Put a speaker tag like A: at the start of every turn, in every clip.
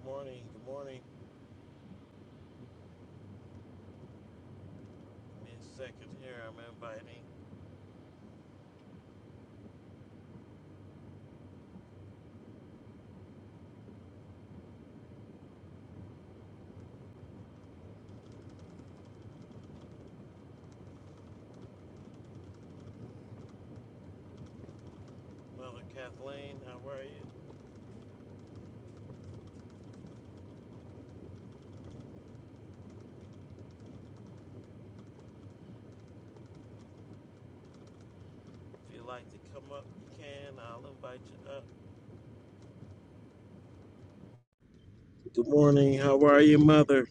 A: Good morning, good morning, Miss Secretary. I'm inviting Mother Kathleen. How are you? If you'd like to come up, you can. I'll invite you up. Good morning. How are you, Mother?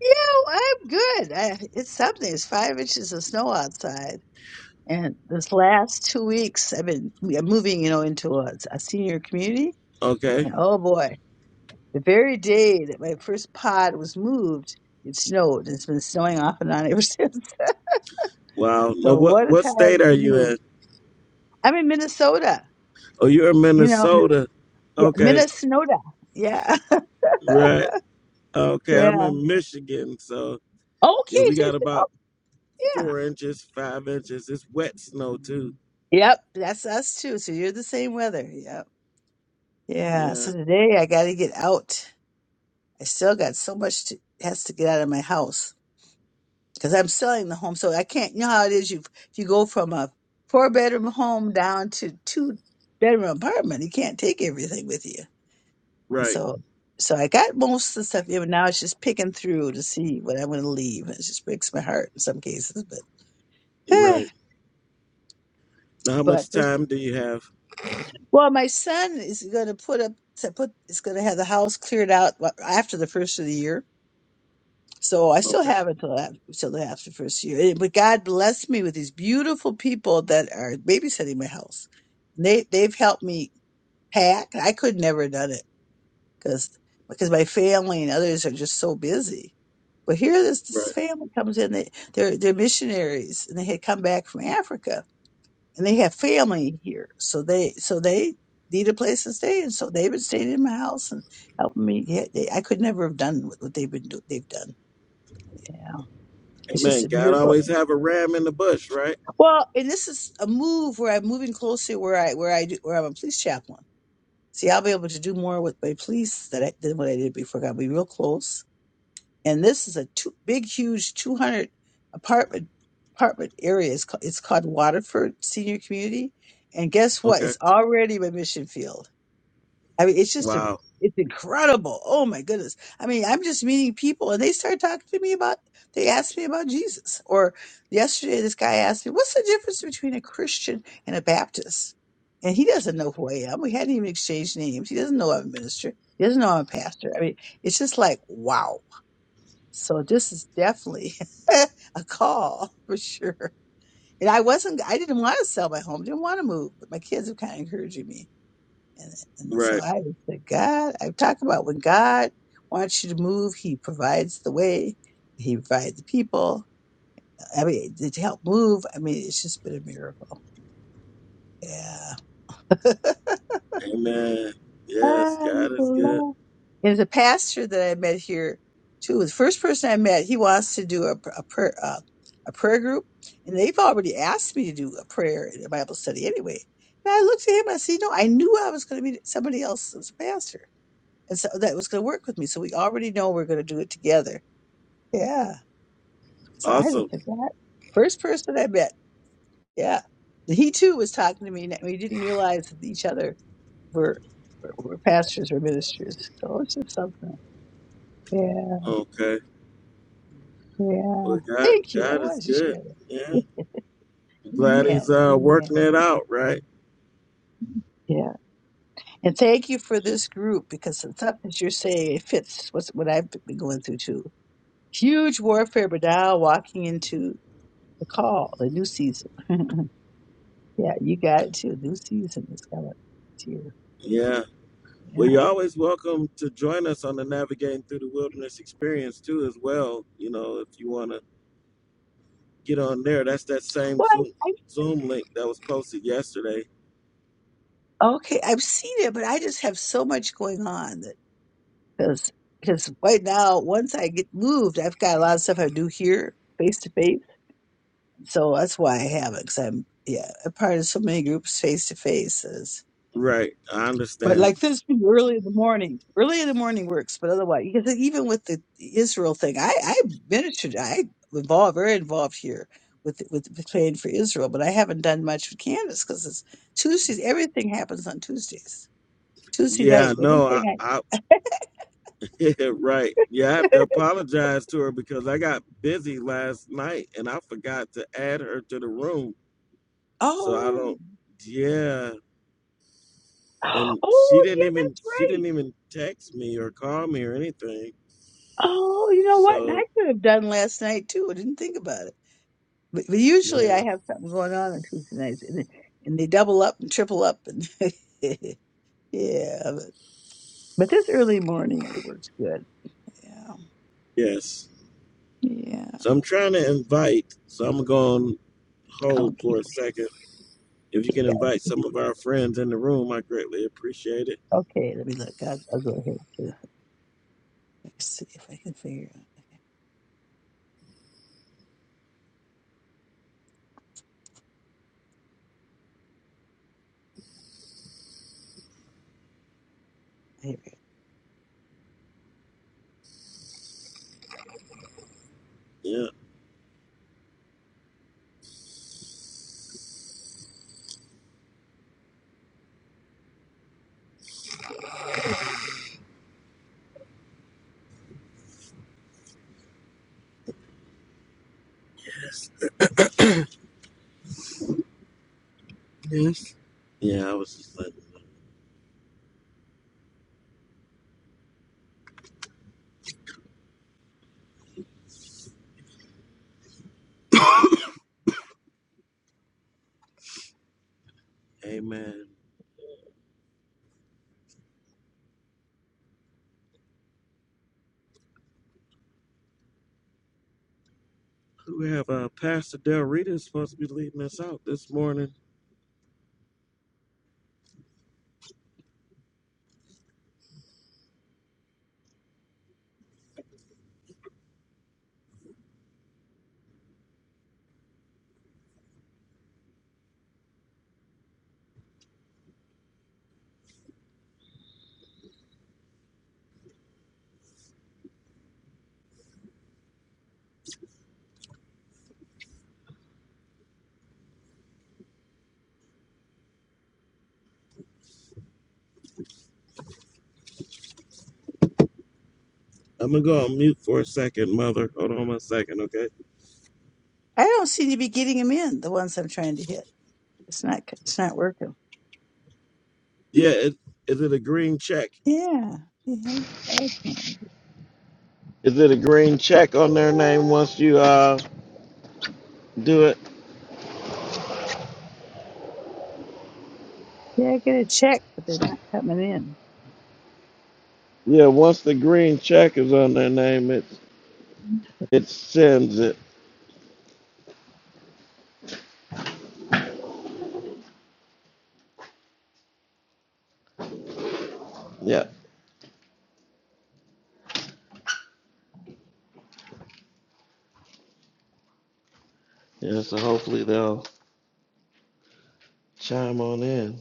B: Yeah, I'm good. I, it's something. It's five inches of snow outside. And this last two weeks, I've been m- moving, you know, into a, a senior community.
A: Okay.
B: And oh boy, the very day that my first pod was moved, it snowed. It's been snowing off and on ever since.
A: Wow. Now,
B: So
A: what
B: what a
A: what state
B: time
A: are
B: to
A: you
B: move.
A: in?
B: I'm in Minnesota,
A: Oh, you're in
B: you know, m-
A: Minnesota.
B: yeah,
A: Okay.
B: Minnesota. Yeah.
A: Right. Okay.
B: Yeah.
A: I'm in Michigan. So yeah,
B: Okay.
A: we
B: So, it's-
A: got
B: oh,
A: about
B: yeah.
A: four inches, five inches. It's wet snow too.
B: Yep. That's us too. So you're the same weather. Yep. Yeah,
A: Yeah.
B: so today I got to get out. I still got so much to, has to get out of my house because I'm selling the home, so I can't. You know how it is. You if you go from a four bedroom home down to two bedroom apartment. You can't take everything with you, and
A: Right.
B: so so I got most of the stuff. Even now, it's just picking through to see what I'm going to leave. And It just breaks my heart in some cases, but
A: Right. Now, how
B: but
A: much time do you have?
B: well, my son is going to put up put is going to have the house cleared out wa- after the first of the year So I still
A: Okay.
B: have it till after, till after the first year. Eh, But God blessed me with these beautiful people that are babysitting my house. And they they've helped me pack. I could never have done it because because my family and others are just so busy. But here this
A: Right.
B: this family comes in. They they're they're missionaries and they had come back from Africa and they have family here. So they so they need a place to stay and so they've been staying in my house and helping me. Yeah, they, I could never have done what what they've been do, they've done. Yeah. It's just
A: Amen.
B: a
A: God
B: miracle.
A: always have a ram in the bush, right?
B: Well, and this is a move where I'm moving closer where I where I do where I'm a police chaplain. See, I'll be able to do more with my police that I, than what I did before. I'll be real close. And this is a two, big, huge 200 apartment apartment area. It's called, it's called Waterford Senior Community. And guess what?
A: Okay.
B: It's already my mission field. I mean, it's just a,
A: Wow.
B: it's incredible. Oh my goodness. I mean, I'm just meeting people and they start talking to me about, they asked me about Jesus. Or yesterday, this guy asked me, what's the difference between a Christian and a Baptist? And he doesn't know who I am. We hadn't even exchanged names. He doesn't know I'm a minister. He doesn't know I'm a pastor. I mean, it's just like, wow. So this is definitely a call for sure. And I wasn't, I didn't want to sell my home, didn't want to move, but my kids have kind of encouraging me. And, and so
A: Right.
B: I said, God, I talk about when God wants you to move, He provides the way, He provides the people. I mean, to help move. I mean, it's just been a miracle. Yeah.
A: Amen. Yes,
B: Ah, you
A: God is good.
B: belong. There's a pastor that I met here too. The first person I met, he wants to do a, a prayer uh, a prayer group, and they've already asked me to do a prayer in a Bible study anyway. And I looked at him. I said, "No, I knew I was going to be somebody else as a pastor." and so that was going to work with me. So we already know we're going to do it together. Yeah. So I just
A: Awesome.
B: said that first person I met. Yeah. He too was talking to me, and we didn't realize that each other were were, were pastors or ministers. So it's just something. Yeah.
A: Okay.
B: Yeah.
A: Well, God,
B: Thank you. I
A: God is
B: wanted to
A: good.
B: share
A: Yeah.
B: that.
A: Glad He's
B: Amen.
A: uh, working
B: Amen.
A: it out, right?
B: Yeah. And thank you for this group because the stuff that you're saying it fits what's what I've been going through too. Huge warfare, but now walking into the call, the new season. yeah, you got it too. New season is coming to you.
A: Yeah. Well,
B: Yeah.
A: you're always welcome to join us on the Navigating Through the Wilderness experience too, as well. You know, if you want to get on there, that's that same
B: Well,
A: Zoom
B: I, I,
A: Zoom link that was posted yesterday.
B: Okay, I've seen it, but I just have so much going on that because because right now, once I get moved, I've got a lot of stuff I do here face to face. So that's why I haven't. Because I'm yeah, a part of so many groups face to face.
A: Right. I
B: But
A: understand.
B: like this be early in the morning. Early in the morning works, but otherwise, because even with the Israel thing, I I ministered, I involved, very involved here with with praying for Israel, but I haven't done much with Candace because it's Tuesdays. Everything happens on Tuesdays. Tuesday
A: Yeah,
B: nights,
A: no, I,
B: everything.
A: I Yeah, right. Yeah, I
B: I
A: have to apologize to her because I got busy last night and I forgot to add her to the room. So I
B: oh
A: don't yeah. And she
B: oh
A: didn't
B: yeah,
A: even
B: that's
A: she didn't
B: right.
A: even text me or call me or anything.
B: Oh, you know what? And
A: So
B: I could have done last night too. I didn't think about it. But, but usually
A: yeah.
B: I have something going on on Tuesday nights, and, they- and they double up and triple up and. Yeah, but- But this early morning, it works good. yeah,
A: Yes.
B: yeah.
A: So I'm trying to invite so I'm going to hold
B: Okay,
A: for a second. If you
B: you
A: can
B: guys.
A: invite some of our friends in the room, I greatly appreciate it.
B: Okay, let me look. I'll, I'll go ahead too. Let me see if I can figure out. Here we go.
A: Yeah. Yes. Yeah, I was just like, Amen. We have uh, Pastor Del Rita is supposed to be leading us out this morning. I'm gonna go on mute for a second, Mother. Hold on one second, okay?
B: I don't seem to be getting them in. The ones I'm trying to hit, it's not, c- it's not working.
A: Yeah, it, is it a green check?
B: Yeah, yeah. Five times.
A: Is it a green check on their name once you uh do it?
B: Yeah, I get a check, but they're not coming in.
A: Yeah, once the green check is on their name, it it sends it. Yeah, yeah. So hopefully they'll chime on in.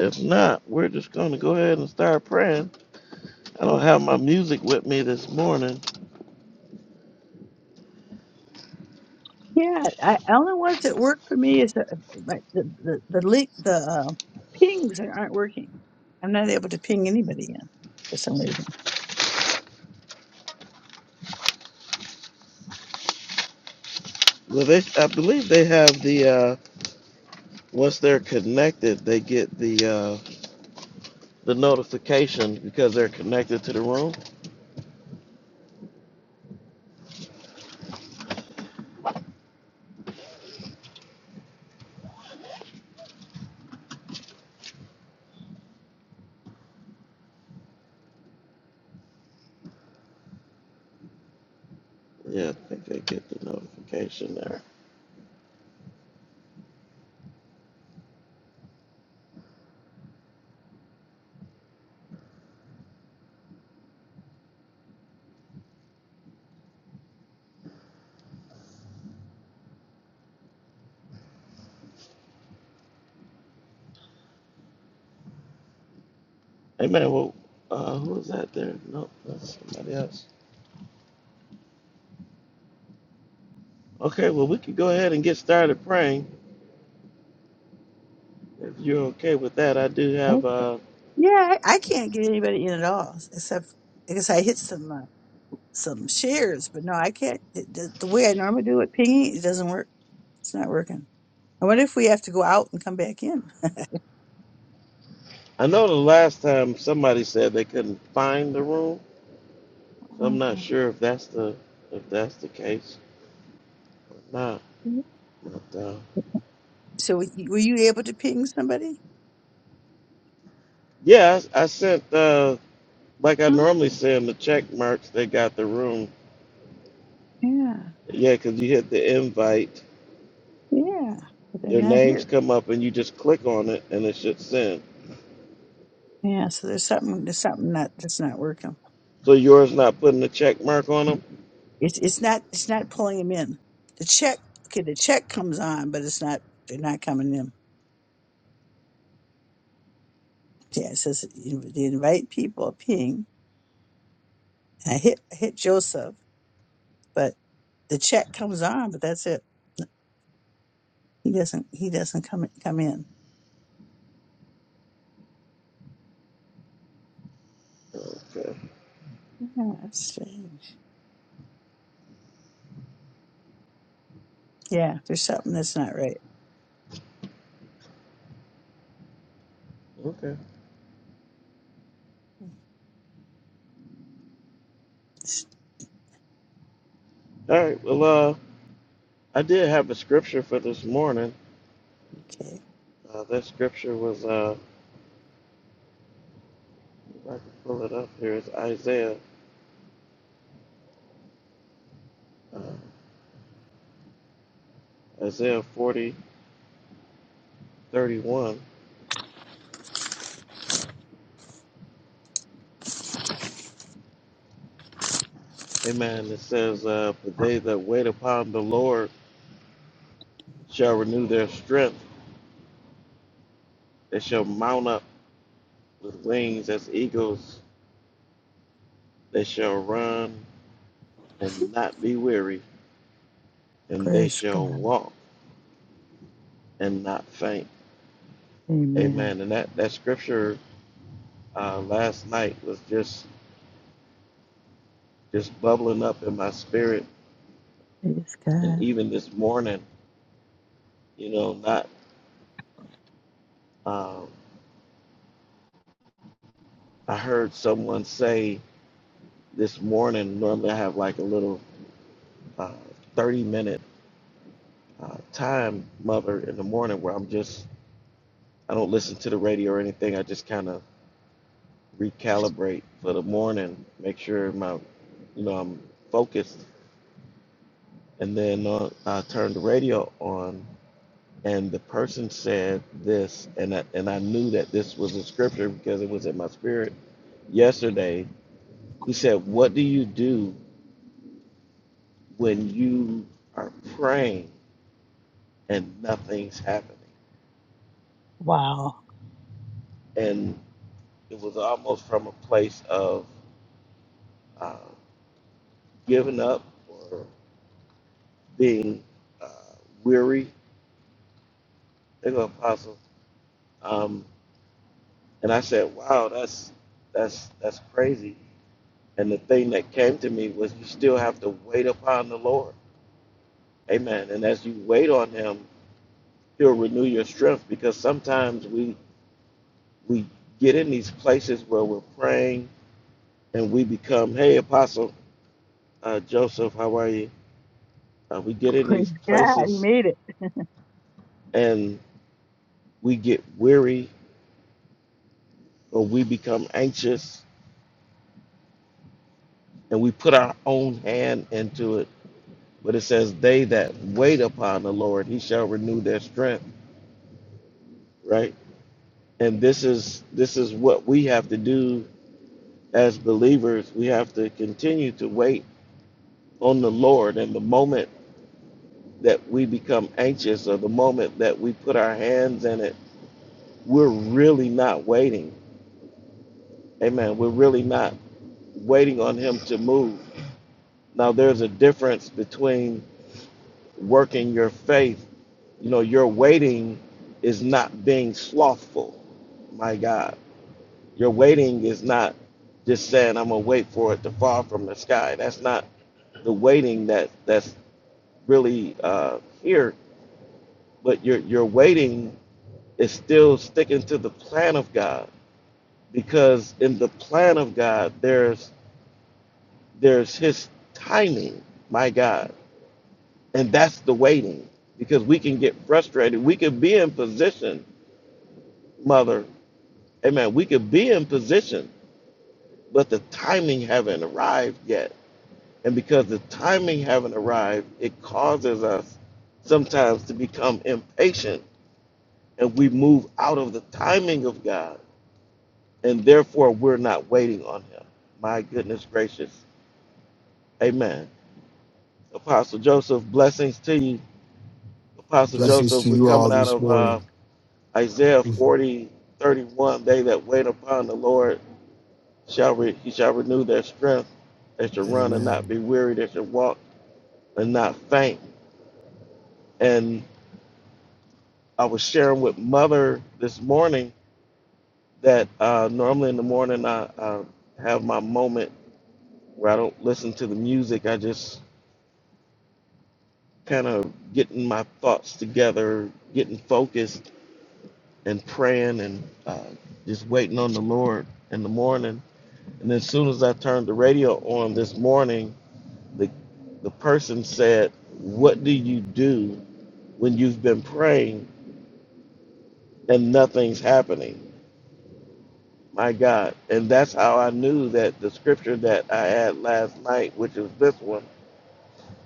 A: If not, we're just gonna go ahead and start praying. I don't have my music with me this morning.
B: Yeah, I, the only ones that work for me is the my- the the, the, link, the uh, pings that aren't working. I'm not able to ping anybody in for some reason.
A: Well, they I believe they have the. uh, Once they're connected, they get the uh, the notification because they're connected to the room. Yeah, I think they get the notification there. Hey man, well, uh, who is that there? Nope, that's somebody else. Okay, well we can go ahead and get started praying if you're okay with that. I do have. Uh,
B: Yeah, I, I can't get anybody in at all, except like I guess I hit some uh, some shares. But no, I can't. The, the, the way I normally do it, pinging, it doesn't work. It's not working. I wonder if we have to go out and come back in.
A: I know the last time somebody said they couldn't find the room, so I'm not
B: Oh.
A: sure if that's the if that's the case or not. But uh,
B: So were you were you able to ping somebody?
A: yeah, I, I sent. Uh, Like I
B: Oh,
A: normally say in the check marks, they got the room.
B: yeah,
A: Yeah, 'cause you hit the invite,
B: yeah. But they're
A: their
B: not
A: names
B: here.
A: come up, and you just click on it, and it should send.
B: Yeah, so there's something there's something not that's not working.
A: So yours not putting a check mark on them?
B: It's it's not it's not pulling them in. The check okay, the check comes on, but it's not they're not coming in. Yeah, it says the right people ping. I hit hit Joseph, but the chat comes on, but that's it. He doesn't he doesn't come come in.
A: Okay.
B: Yeah, strange. Yeah, there's something that's not right.
A: Okay. All right. Well, uh, I did have a scripture for this morning.
B: Okay,
A: Uh, that scripture was, uh, if I can pull it up here, it's Isaiah, uh, Isaiah 40:31. Amen. It says, uh, For they that wait upon the Lord shall renew their strength. They shall mount up with wings as eagles. They shall run and not be weary, and they
B: praise
A: shall
B: God.
A: walk and not faint.
B: Amen.
A: Amen. And that that scripture uh, last night was just just bubbling up in my spirit,
B: Praise
A: and
B: God.
A: even this morning, you know, not um, I heard someone say this morning. Normally, I have like a little uh, thirty minute uh, time, mother, in the morning where I'm just I don't listen to the radio or anything. I just kind of recalibrate for the morning, make sure my, you know, I'm focused. And then uh, I turned the radio on, and the person said this, and I, and I knew that this was a scripture because it was in my spirit. Yesterday, he said, "What do you do when you are praying and nothing's happening?"
B: Wow.
A: And it was almost from a place of uh, giving up or being uh, weary. There go Apostle Um, and I said, "Wow, that's that's that's crazy." And the thing that came to me was, you still have to wait upon the Lord, Amen. And as you wait on Him, He'll renew your strength because sometimes we we get in these places where we're praying and we become, "Hey, Apostle uh, Joseph, how are you?" Uh, we get in
B: Praise
A: these
B: God. He
A: places
B: made it.
A: and we get weary or we become anxious and we put our own hand into it But it says, "They that wait upon the Lord, He shall renew their strength." Right, and this is this is what we have to do as believers. We have to continue to wait on the Lord. And the moment that we become anxious, or the moment that we put our hands in it, we're really not waiting. Amen. We're really not waiting on Him to move. Now, there's a difference between working your faith. You know, your waiting is not being slothful. My God. Your waiting is not just saying, I'm going to wait for it to fall from the sky. That's not the waiting that that's really uh, here. But your, your waiting is still sticking to the plan of God because in the plan of God, there's, there's his timing. My God. And that's the waiting because we can get frustrated. We can be in position mother, amen, we could be in position, but the timing haven't arrived yet. And because the timing haven't arrived, it causes us sometimes to become impatient and we move out of the timing of God. And therefore, we're not waiting on Him. My goodness gracious. Amen. Apostle Joseph, blessings to you. Apostle
C: Blessings
A: Joseph,
C: to
A: we're
C: you
A: coming
C: all
A: out
C: this
A: of uh,
C: morning.
A: Isaiah
C: Mhm.
A: 40 31. they that wait upon the Lord shall re- he shall renew their strength. They shall run and not
C: Amen.
A: be weary. They shall walk and not faint. And I was sharing with mother this morning that uh, normally in the morning I, I have my moment where I don't listen to the music. I just kind of getting my thoughts together, getting focused, and praying and uh, just waiting on the Lord in the morning. And as soon as I turned the radio on this morning, the the person said, "What do you do when you've been praying and nothing's happening?" My God, and that's how I knew that the scripture that I had last night, which is this one,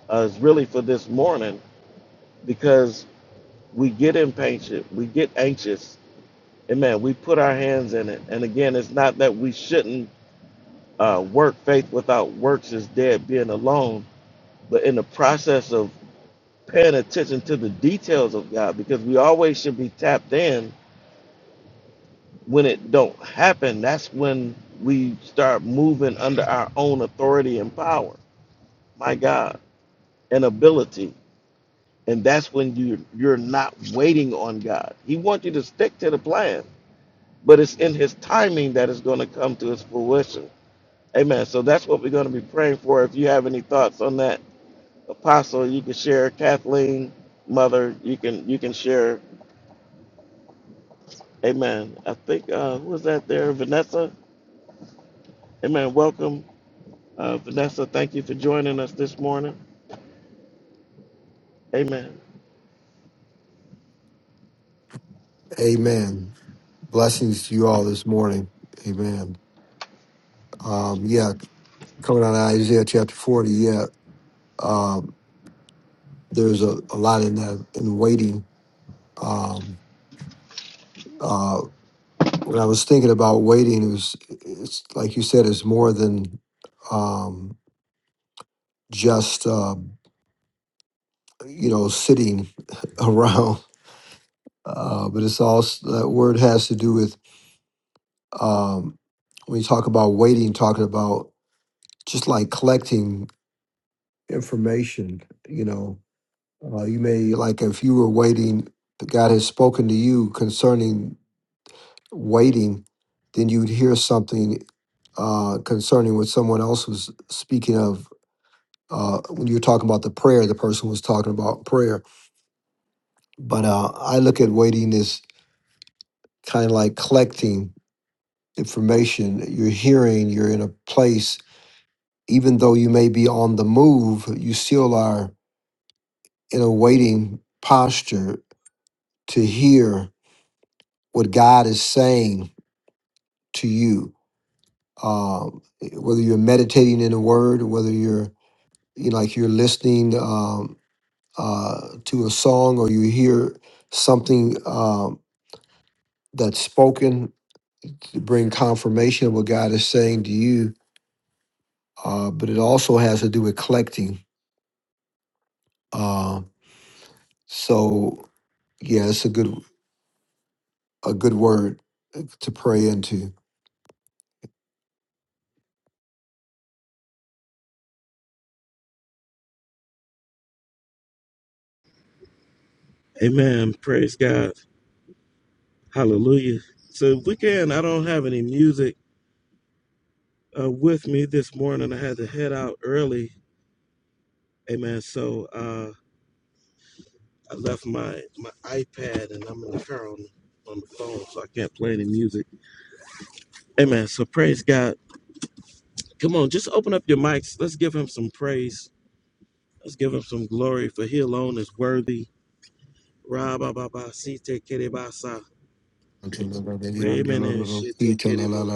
A: uh, is really for this morning because we get impatient, we get anxious, Amen. We put our hands in it, and again, it's not that we shouldn't uh, work. Faith without works is dead, being alone. But in the process of paying attention to the details of God because we always should be tapped in when it don't happen. That's when we start moving under our own authority and power. My God, and ability. And that's when you you're not waiting on God. He wants you to stick to the plan, but it's in his timing that it's going to come to its fruition. Amen. So that's what we're going to be praying for. If you have any thoughts on that, Apostle, you can share. Kathleen, Mother, you can you can share Amen. I think, uh, who was that there? Vanessa? Amen. Welcome, uh, Vanessa. Thank you for joining us this morning. Amen.
C: Amen. Blessings to you all this morning. Amen. Um, yeah, coming out of Isaiah chapter 40, yeah, um, there's a, a lot in that, in waiting. Um, uh, when I was thinking about waiting, it was, it's like you said, it's more than um, just, um, you know, sitting around. Uh, but it's also, that word has to do with Um, when you talk about waiting, talking about just like collecting information, you know, uh, you may like if you were waiting, the God has spoken to you concerning waiting, then you'd hear something uh, concerning what someone else was speaking of. Uh, when you're talking about the prayer, the person was talking about prayer. But uh, I look at waiting as kind of like collecting information. You're hearing, you're in a place, even though you may be on the move, you still are in a waiting posture to hear what God is saying to you. Um, whether you're meditating in the Word, whether you're you know, like you're listening um, uh, to a song, or you hear something um, that's spoken to bring confirmation of what God is saying to you. Uh, but it also has to do with collecting. Uh, so yeah, it's a good. a good word uh, to pray into.
A: Amen. Praise God. Hallelujah. So, if we can, I don't have any music uh, with me this morning. I had to head out early. Amen. So, uh, I left my, my iPad and I'm in the car on, on the phone, so I can't play any music. Amen. So, praise God. Come on, just open up your mics. Let's give him some praise. Let's give him some glory, for he alone is worthy. Raba baba site kerebasa. Remene shite kerebo.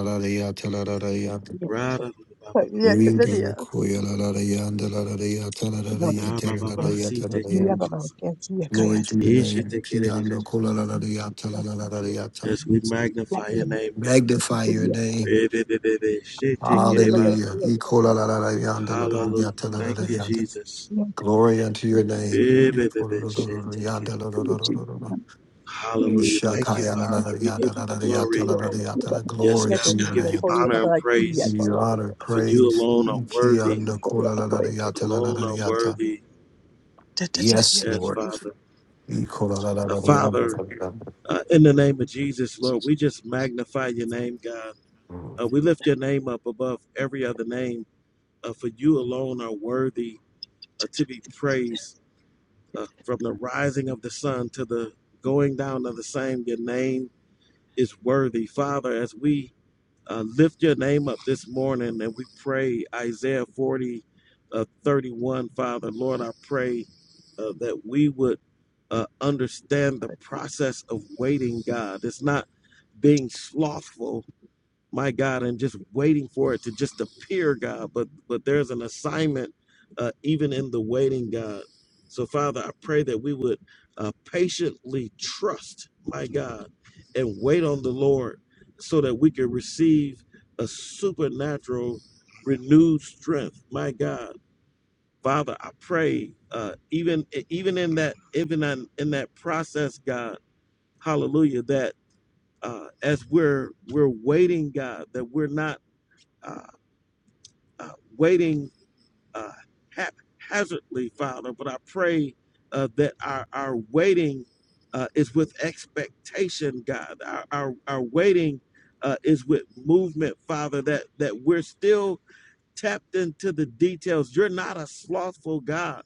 B: Yeah,
A: Rada baba baba
B: yeah,
A: baba
B: that's
A: se. Raba kerebasa.
C: Glory to your name.
A: Ishite kerebo.
C: Kiando kolalalariata, lalalalariata.
A: Yes, we magnify your name, God.
C: Magnify your name.
A: Rebebebebe shite kereba.
C: Hallelujah. Ikolalalarianda,
A: Hallelujah.
C: lalalalariata,
A: Thank you,
C: lalalalariata.
A: Jesus.
B: it.
C: Glory unto your name.
A: Rebebebe shite kere.
C: Ikolalalarianda, lalalalariata.
A: Hallelujah. Thank you,
C: Ishakaya,
A: Father. We give
C: lalalalariata,
A: you
C: lalalalariata,
A: glory.
C: lalalalariata.
A: Yes,
C: Glory
A: God,
C: to
A: we
C: your
A: give you
C: name.
A: honor and
C: Give
A: praise.
C: you honor,
A: For you
C: praise.
A: alone are worthy.
C: Ikiando kolalalariata,
A: Alone are
C: lalalalariata.
A: worthy.
C: Yes,
A: Yes,
C: Lord.
A: Father. Uh,
C: Ikolalalarianda,
A: Father,
C: lalalalariata.
A: uh, in the name of Jesus, Lord, we just magnify your name, God.
C: Mm.
A: Uh, we lift your name up above every other name, uh, for you alone are worthy uh, to be praised. Uh, from the rising of the sun to the going down of the same, your name is worthy. Father, as we uh, lift your name up this morning and we pray Isaiah 40, uh, 31, Father. Lord, I pray uh, that we would uh, understand the process of waiting, God. It's not being slothful, my God, and just waiting for it to just appear, God. But but there's an assignment uh, even in the waiting, God. So Father, I pray that we would uh, patiently trust, my God, and wait on the Lord, so that we can receive a supernatural, renewed strength, my God. Father, I pray uh, even even in that even in, in that process, God, Hallelujah, that uh, as we're we're waiting, God, that we're not uh, uh, waiting uh, haphazardly, Father, but I pray uh, that our, our waiting uh, is with expectation, God. Our, our, our waiting uh, is with movement, Father, that, that we're still tapped into the details. You're not a slothful God.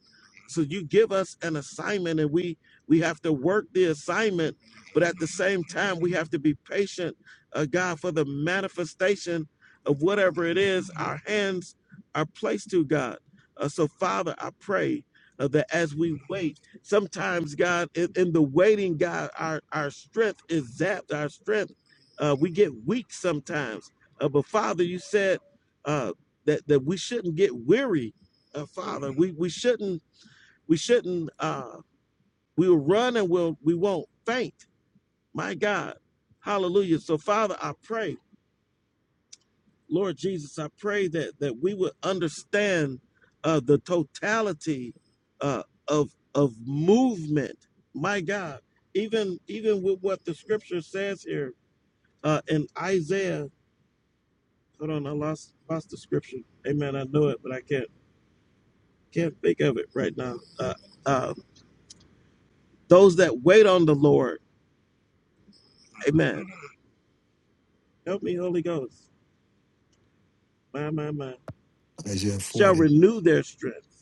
A: So you give us an assignment and we we have to work the assignment, but at the same time we have to be patient, uh, God, for the manifestation of whatever it is our hands are placed to God. Uh, so Father, I pray uh, that as we wait, sometimes God, in, in the waiting, God, our our strength is zapped. Our strength, uh, we get weak sometimes. Uh, but Father, you said. uh, that that we shouldn't get weary of following. We we shouldn't we shouldn't uh we will run and we'll we won't faint. My God. Hallelujah. So Father, I pray, Lord Jesus, I pray that that we would understand uh the totality uh of of movement. My God. Even even with what the scripture says here uh in Isaiah. Hold on, I lost lost the scripture. Amen. I know it, but I can't can't think of it right now. Uh uh Those that wait on the Lord, amen. Help me, Holy Ghost, my, my, my,
C: Isaiah
A: shall
C: 40.
A: renew their strength.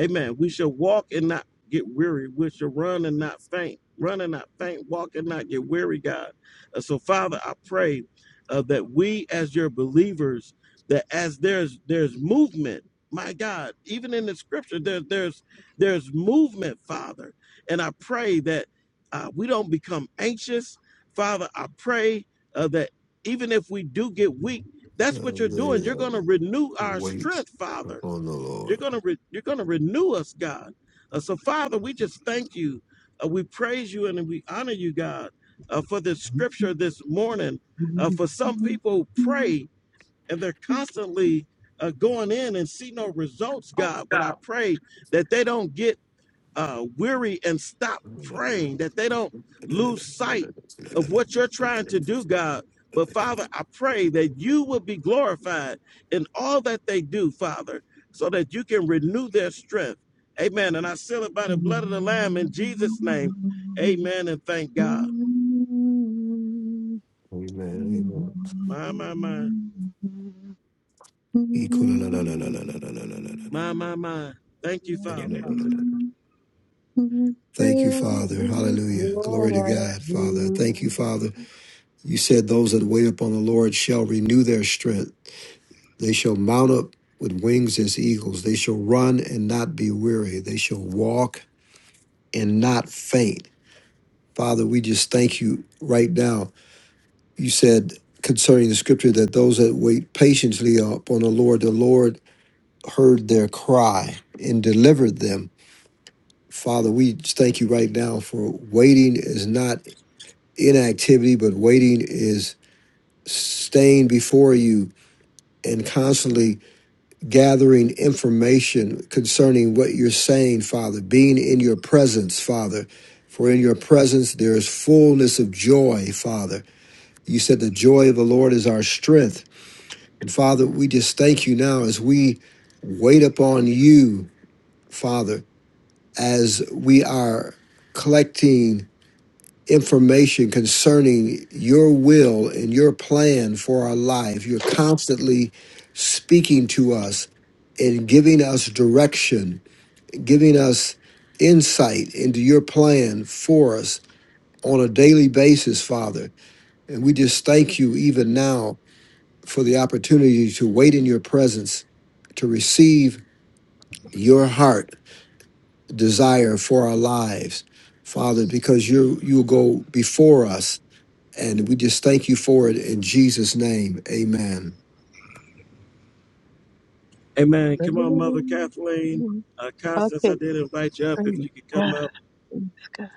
A: Amen. We should walk and not get weary. We should run and not faint. Run and not faint. Walk and not get weary, God. Uh, so, Father, I pray uh, that we, as your believers, that as there's there's movement, my God, even in the Scripture, there, there's there's movement, Father. And I pray that uh, we don't become anxious, Father. I pray uh, that even if we do get weak, that's what you're
C: And they
A: doing. You're going to
C: that
A: renew our
C: wait
A: strength, Father.
C: upon the
A: You're
C: Lord.
A: gonna re- you're gonna renew us, God. Uh, so Father, we just thank you. Uh, we praise you and we honor you, God, uh, for this scripture this morning. Uh, for some people who pray and they're constantly uh, going in and see no results, God. But I pray that they don't get uh, weary and stop
C: Amen.
A: praying that they don't lose sight of what you're trying to do, God. But Father, I pray that you will be glorified in all that they do, Father, so that you can renew their strength. Amen. And I seal it by the blood of the Lamb in Jesus' name. Amen. And thank God.
B: Okay,
C: Amen.
A: My, my, my, my, my, my. Thank you, Father.
C: Thank you,
B: praise
C: Father. Hallelujah.
B: God.
C: Glory to God, Father. I Thank you, Father. You said those that wait upon the Lord shall renew their strength. They shall mount up with wings as eagles. They shall run and not be weary. They shall walk and not faint. Father, we just thank you right now. You said concerning the scripture that those that wait patiently upon the Lord, the Lord heard their cry and delivered them. Father, we just thank you right now for waiting is not inactivity, but waiting is staying before you and constantly gathering information concerning what you're saying, Father, being in your presence, Father. For in your presence there is fullness of joy, Father You said the joy of the Lord is our strength. And Father, we just thank you now as we wait upon you, Father, as we are collecting information concerning your will and your plan for our life. You're constantly speaking to us and giving us direction, giving us insight into your plan for us on a daily basis, Father. And we just thank you even now for the opportunity to wait in your presence, to receive your heart desire for our lives, Father, because you you go before us, and we just thank you for it in Jesus' name. Amen.
A: Amen. Come on, Mother Kathleen. Uh, Constance, I did invite you up if you could come up.
B: praise God.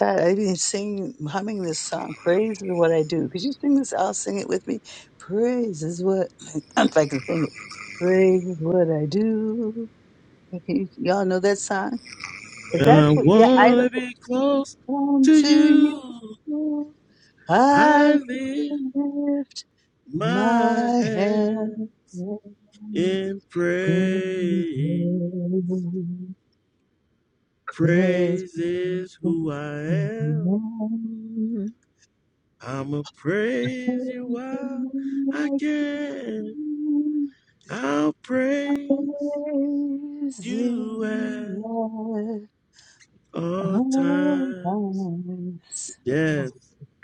B: God, I've been singing, humming this song. Praise is what I do. Could you sing this? I'll sing it with me. Praise is what, if I can sing it. Praise is what I do. Okay, y'all know that song? 'Cause
A: And
B: that's
A: I
B: what, yeah, I do.
A: wanna be close to
B: Unto
A: you.
B: you I
A: I lift
B: lift
A: my
B: my hand
A: hand in
B: in
A: praise.
B: praise.
A: Praise is
B: Everything
A: who I am. I'ma praise you while I
B: I
A: can.
B: can
A: I'll praise
B: praise
A: you at
B: Him
A: all
B: Oh,
A: times.
B: yes.
A: Yes,
B: Oh,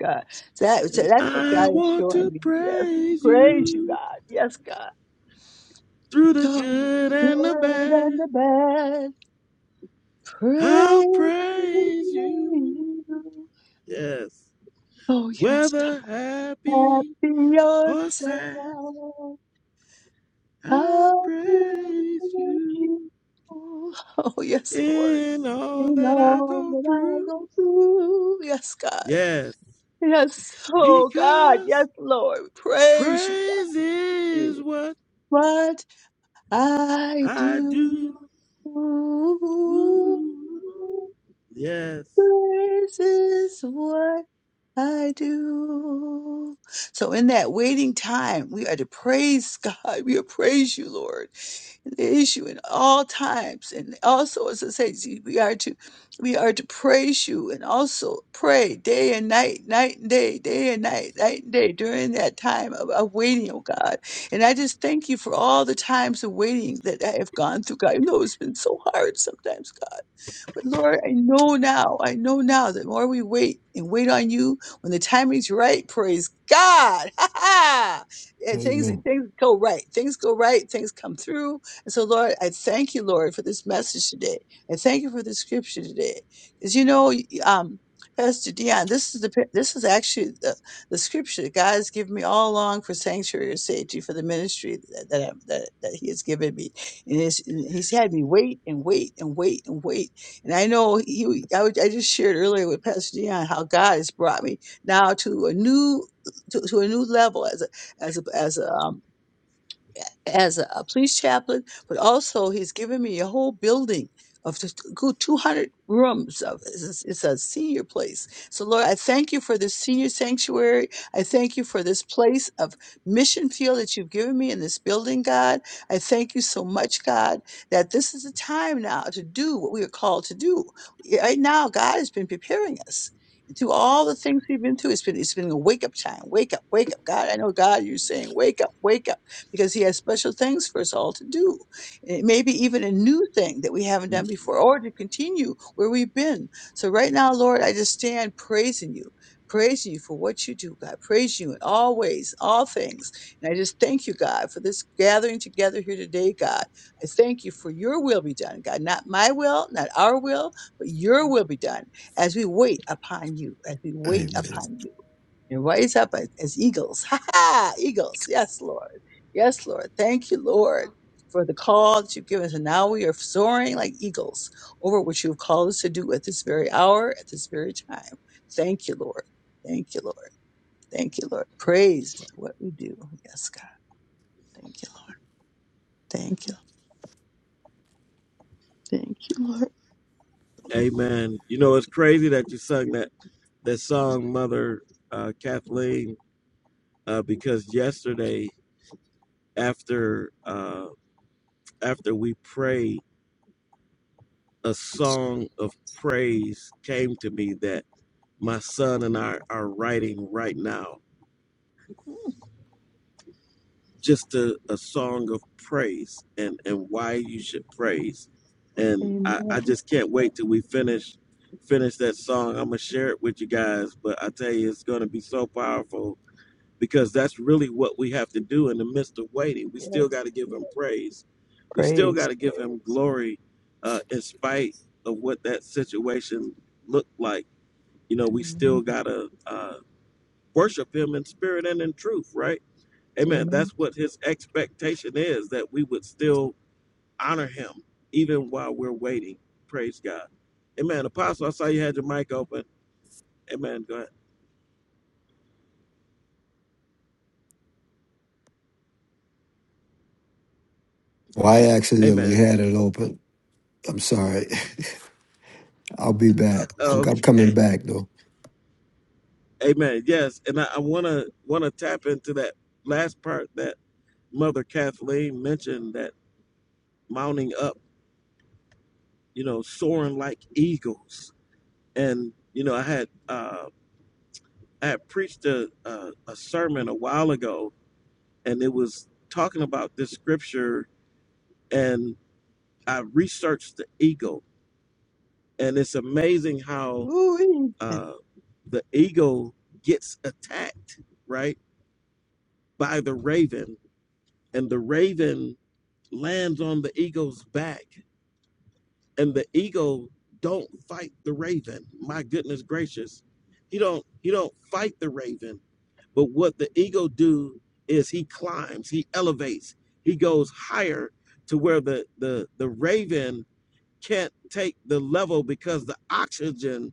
B: God. So That, so that's what
A: I
B: God is
A: want to
B: showing me. Yes.
A: praise
B: Praise you,
A: you
B: God. Yes, God.
A: through the good
B: Oh,
A: and the
B: Good
A: bad.
B: and the bad.
A: I'll
B: Praise
A: praise you.
B: you.
A: Yes.
B: Oh, yes, God.
A: Whether happy
B: Happy
A: or sad,
B: yourself.
A: I'll
B: How praise
A: praise
B: you.
A: you
B: Oh, yes, Lord.
A: in all
B: In
A: that I
B: all
A: go
B: that I
A: through.
B: go through. Yes, God.
A: Yes.
B: Yes, oh God, yes,
A: Because
B: Lord. We Praise you, God.
A: praise is
B: You.
A: what
B: What I
A: I
B: do
A: do. Ooh. Yes.
B: this is what I do. So in that waiting time, we are to praise God. We are praise you, Lord the issue in all times. And also, as I say, see, we are to we are to praise you and also pray day and night, night and day, day and night, night and day during that time of, of waiting, oh God. And I just thank you for all the times of waiting that I have gone through, God. I know it's been so hard sometimes, God. But Lord, I know now, I know now that the more we wait and wait on you, when the timing's right, praise God. Ha ha! And things
C: Amen.
B: things go right. Things go right, things come through. And so Lord, I thank you, Lord, for this message today. I thank you for the scripture today. Because you know, y- um, Pastor Dion, this is the pa- this is actually the, the scripture that God has given me all along for sanctuary or safety for the ministry that that, I, that that He has given me, and, it's, and He's had me wait and wait and wait and wait and I know you, I, was- I just shared earlier with Pastor Dion how God has brought me now to a new to, to a new level as a as a as a um, as a, a police chaplain, but also he's given me a whole building of just good 200 rooms. Of, it's, it's a senior place. So, Lord, I thank you for this senior sanctuary. I thank you for this place of mission field that you've given me in this building, God. I thank you so much, God, that this is the time now to do what we are called to do. Right now, God has been preparing us. Through all the things we've been through, it's been it's been a wake up time. Wake up, wake up, God. I know God, you're saying, wake up, wake up because He has special things for us all to do. And it may be even a new thing that we haven't done before or to continue where we've been. So right now, Lord, I just stand praising you. Praising you for what you do, God. Praise you in all ways, all things. And I just thank you, God, for this gathering together here today, God. I thank you for your will be done, God. Not my will, not our will, but your will be done as we wait upon you, as we wait
C: Amen.
B: upon you and rise up as as eagles. Ha ha! Eagles. Yes, Lord. Yes, Lord. Thank you, Lord, for the call that you've given us. And now we are soaring like eagles over what you've called us to do at this very hour, at this very time. Thank you, Lord. Thank you, Lord. Thank you, Lord. Praise is what we do. Yes, God. Thank you. Lord. Thank you. Thank you,
A: Amen. You know, it's crazy that you sung that, that song, Mother uh, Kathleen, uh, because yesterday after uh, after we prayed, a song of praise came to me that my son and I are writing right now.
B: Lord.
A: Just a, a song of praise and, and why you should praise. And I, I
B: Amen.
A: just can't wait till we finish finish that song. I'm gonna share it with you guys, but I tell you it's gonna be so powerful because that's really what we have to do in the midst of waiting. We still got to give
B: Yes.
A: him praise. We still
B: Praise.
A: got to give him glory uh, in spite of what that situation looked like. You know, we still
B: Amen.
A: got to uh, worship him in spirit and in truth, right? Amen. That's
B: Amen.
A: what his expectation is that we would still honor him even while we're waiting. Praise God. Amen. Apostle, I saw you had your mic open. Amen. Go ahead.
C: Well, I accidentally
A: Amen.
C: had it open. I'm sorry. I'll be back. I'm,
A: Oh.
C: I'm coming back though.
A: Amen. Yes, and I, I wanna wanna tap into that last part that Mother Kathleen mentioned that mounting up, you know, soaring like eagles. And you know, I had uh, I had preached a, a a sermon a while ago, and it was talking about this scripture, and I researched the eagle, and it's amazing how
B: Ooh-wee.
A: uh, the eagle gets attacked right by the raven, and the raven lands on the eagle's back and the eagle don't fight the raven my goodness gracious he don't he don't fight the raven but what the eagle do is he climbs he elevates he goes higher to where the the the raven can't take the level because the oxygen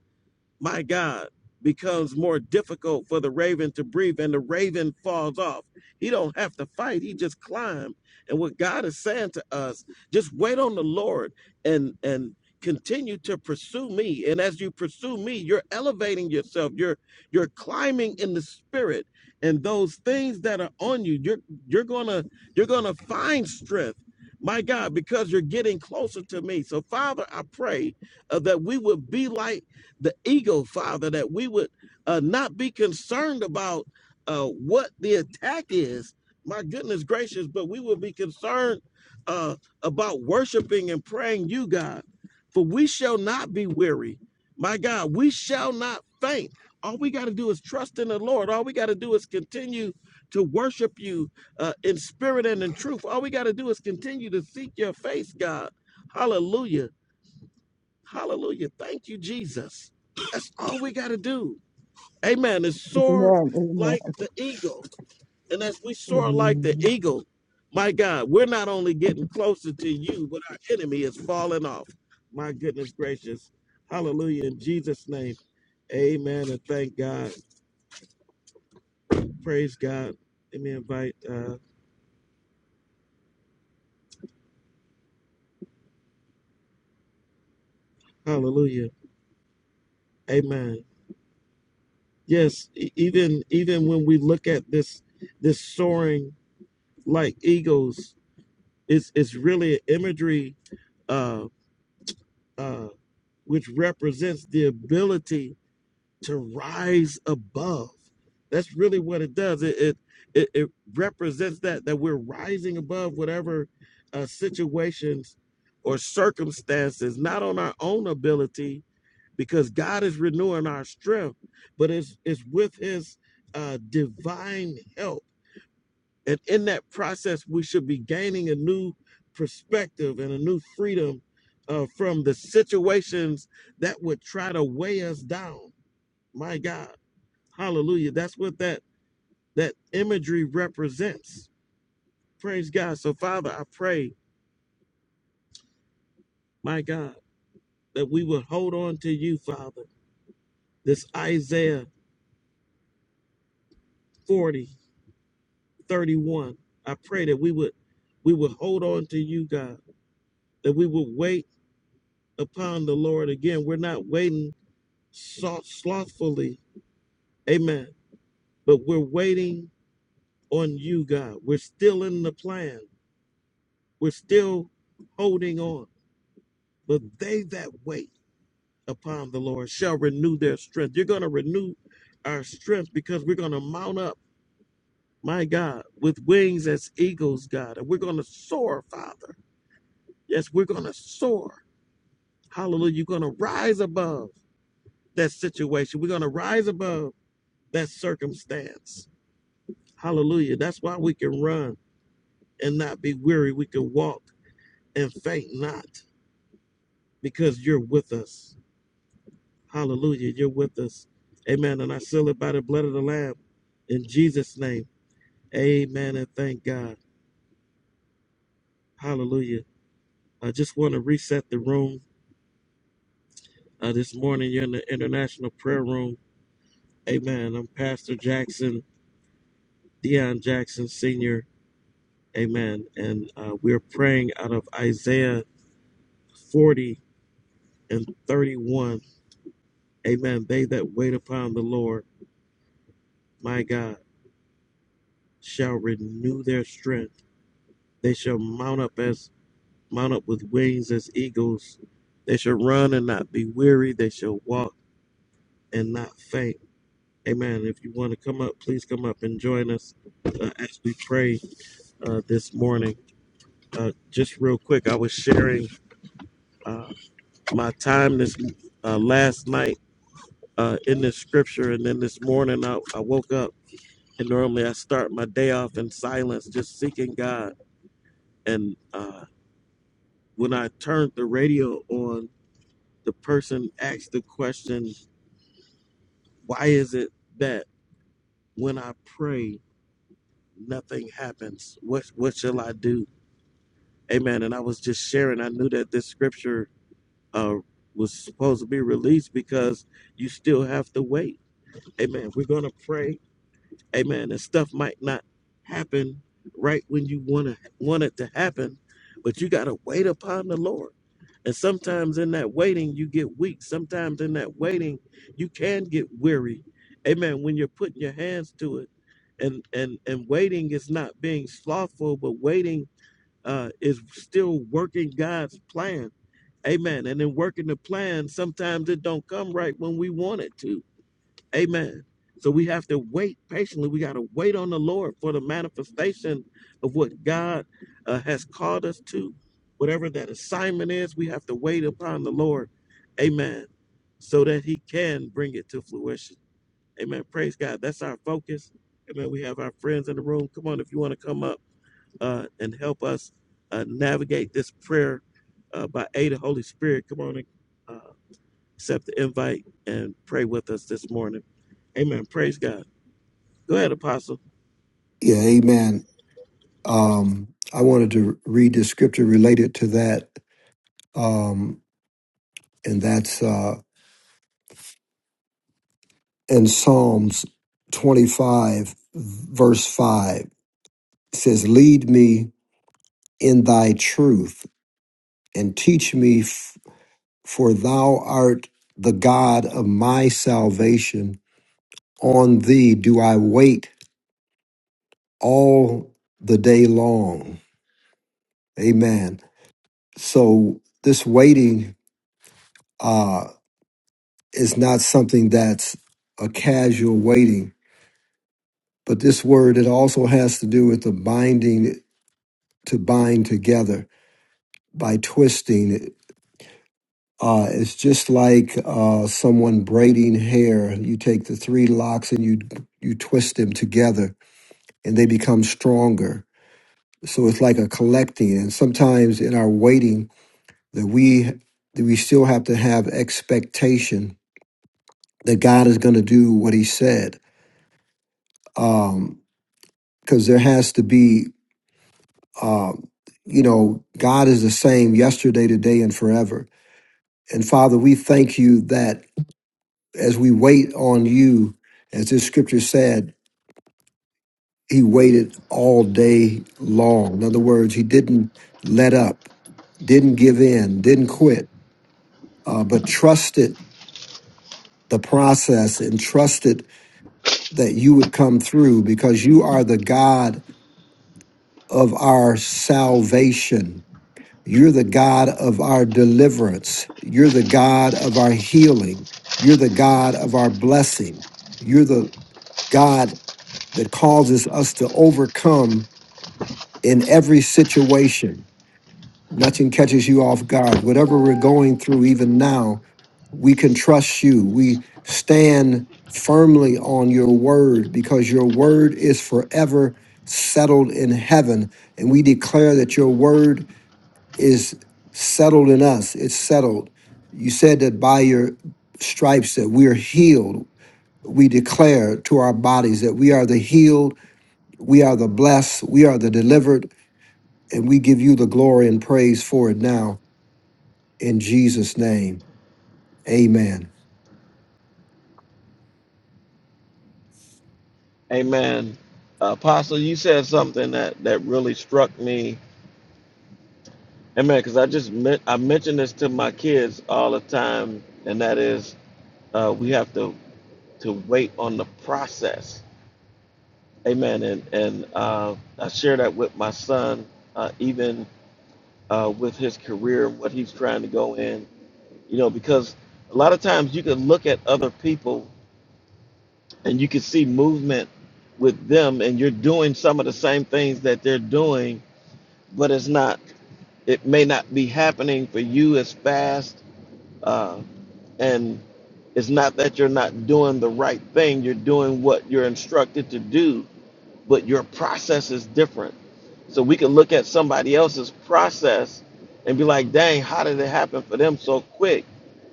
A: my God, becomes more difficult for the raven to breathe and the raven falls off. He don't have to fight, he just climbs. And what God is saying to us, just wait on the Lord and and continue to pursue me. And as you pursue me, you're elevating yourself. You're you're climbing in the spirit. And those things that are on you, you're you're gonna you're gonna find strength. My God, because you're getting closer to me. So Father, I pray uh, that we would be like the ego, Father, that we would uh, not be concerned about uh, what the attack is. My goodness gracious, but we would be concerned uh, about worshiping and praying you, God, for we shall not be weary. My God, we shall not faint. All we got to do is trust in the Lord. All we got to do is continue to worship you uh, in spirit and in truth. All we got to do is continue to seek your face, God. Hallelujah Hallelujah. Thank you, Jesus. That's all we got to do. Amen. Is soar
B: Amen.
A: like the eagle. And as we soar like the
B: Amen.
A: eagle, my God, we're not only getting closer to you, but our enemy is falling off. My goodness gracious. Hallelujah. In Jesus' name. Amen. And thank God. Praise God. Let me invite uh hallelujah. Amen. Yes, e- even even when we look at this this soaring like eagles, It's it's really imagery uh, uh, which represents the ability to rise above. That's really what it does. It it it, it represents that that we're rising above whatever uh, situations or circumstances, not on our own ability, because God is renewing our strength, but it's it's with His uh, divine help and in that process, we should be gaining a new perspective and a new freedom uh, from the situations that would try to weigh us down. My God, Hallelujah! That's what that that imagery represents. Praise God. So, Father, I pray, my God, that we would hold on to you, Father. This Isaiah 40 31. I pray that we would we would hold on to you, God, that we would wait upon the Lord again. We're not waiting sloth- slothfully. Amen. But we're waiting on you, God. We're still in the plan. We're still holding on. But they that wait upon the Lord shall renew their strength. You're going to renew our strength because we're going to mount up, my God, with wings as eagles, God. And we're going to soar, Father. Yes, we're going to soar. Hallelujah. You're going to rise above that situation. We're going to rise above that circumstance. Hallelujah. That's why we can run. and not be weary. We can walk and faint not because you're with us. Hallelujah. You're with us. Amen. And I seal it by the blood of the Lamb in Jesus' name. Amen. And thank God. Hallelujah. I just want to reset the room uh, this morning. You're in the International Prayer Room. Amen. I'm Pastor Jackson, Deion Jackson Sr. Amen. And uh, we're praying out of Isaiah 40 and 31. Amen. They that wait upon the Lord. my God, shall renew their strength. They shall mount up as mount up with wings as eagles. They shall run and not be weary. They shall walk and not faint. Amen. If you want to come up, please come up and join us uh, as we pray uh, this morning. Uh, just real quick, I was sharing uh, my time this uh, last night uh, in this scripture, and then this morning I, I woke up and normally I start my day off in silence, just seeking God and. Uh, when I turned the radio on, the person asked the question, "Why is it that when I pray, nothing happens? What what shall I do?" Amen. And I was just sharing. I knew that this scripture uh, was supposed to be released because you still have to wait. Amen. We're gonna pray Amen. And stuff might not happen right when you want to want it to happen, but you got to wait upon the Lord. And sometimes in that waiting, you get weak. Sometimes in that waiting, you can get weary. Amen. When you're putting your hands to it, and and and waiting is not being slothful, but waiting uh, is still working God's plan. Amen. And in working the plan, sometimes it don't come right when we want it to Amen. So we have to wait patiently. We got to wait on the Lord for the manifestation of what God uh, has called us to. Whatever that assignment is, we have to wait upon the Lord. Amen. So that he can bring it to fruition. Amen. Praise God. That's our focus. Amen. We have our friends in the room. Come on, if you want to come up uh, and help us uh, navigate this prayer uh, by aid of Holy Spirit, come on and uh, accept the invite and pray with us this morning. Amen. Praise God. Go ahead, Apostle.
C: Yeah, amen. Um, I wanted to read the scripture related to that. Um, and that's uh in Psalms 25, verse 5. It says, Lead me in thy truth and teach me, f- for thou art the God of my salvation. On thee do I wait all the day long. Amen. So, this waiting uh, is not something that's a casual waiting, but this word, it also has to do with the binding to bind together by twisting it. Uh, it's just like uh, someone braiding hair. You take the three locks and you you twist them together, and they become stronger. So it's like a collecting. And sometimes in our waiting, that we that we still have to have expectation that God is going to do what He said, because there has to be. Uh, you know, God is the same yesterday, today, and forever. And Father, we thank you that as we wait on you, as this scripture said, he waited all day long. In other words, he didn't let up, didn't give in, didn't quit, uh, but trusted the process and trusted that you would come through because you are the God of our salvation. You're the God of our deliverance. You're the God of our healing. You're the God of our blessing. You're the God that causes us to overcome in every situation. Nothing catches you off guard. Whatever we're going through, even now, we can trust you. We stand firmly on your word because your word is forever settled in heaven. And we declare that your word is settled in us, it's settled. You said that by your stripes that we are healed. We declare to our bodies that we are the healed we are the blessed, we are the delivered, and we give you the glory and praise for it now in Jesus' name. Amen.
A: Amen. Uh, Apostle, you said something that, that really struck me. Amen. Because I just men- I mention this to my kids all the time, and that is uh, we have to to wait on the process. Amen. And and uh, I share that with my son, uh, even uh, with his career and what he's trying to go in. You know, because a lot of times you can look at other people and you can see movement with them and you're doing some of the same things that they're doing but it's not it may not be happening for you as fast uh, and it's not that you're not doing the right thing you're doing what you're instructed to do but your process is different so we can look at somebody else's process and be like, dang, how did it happen for them so quick?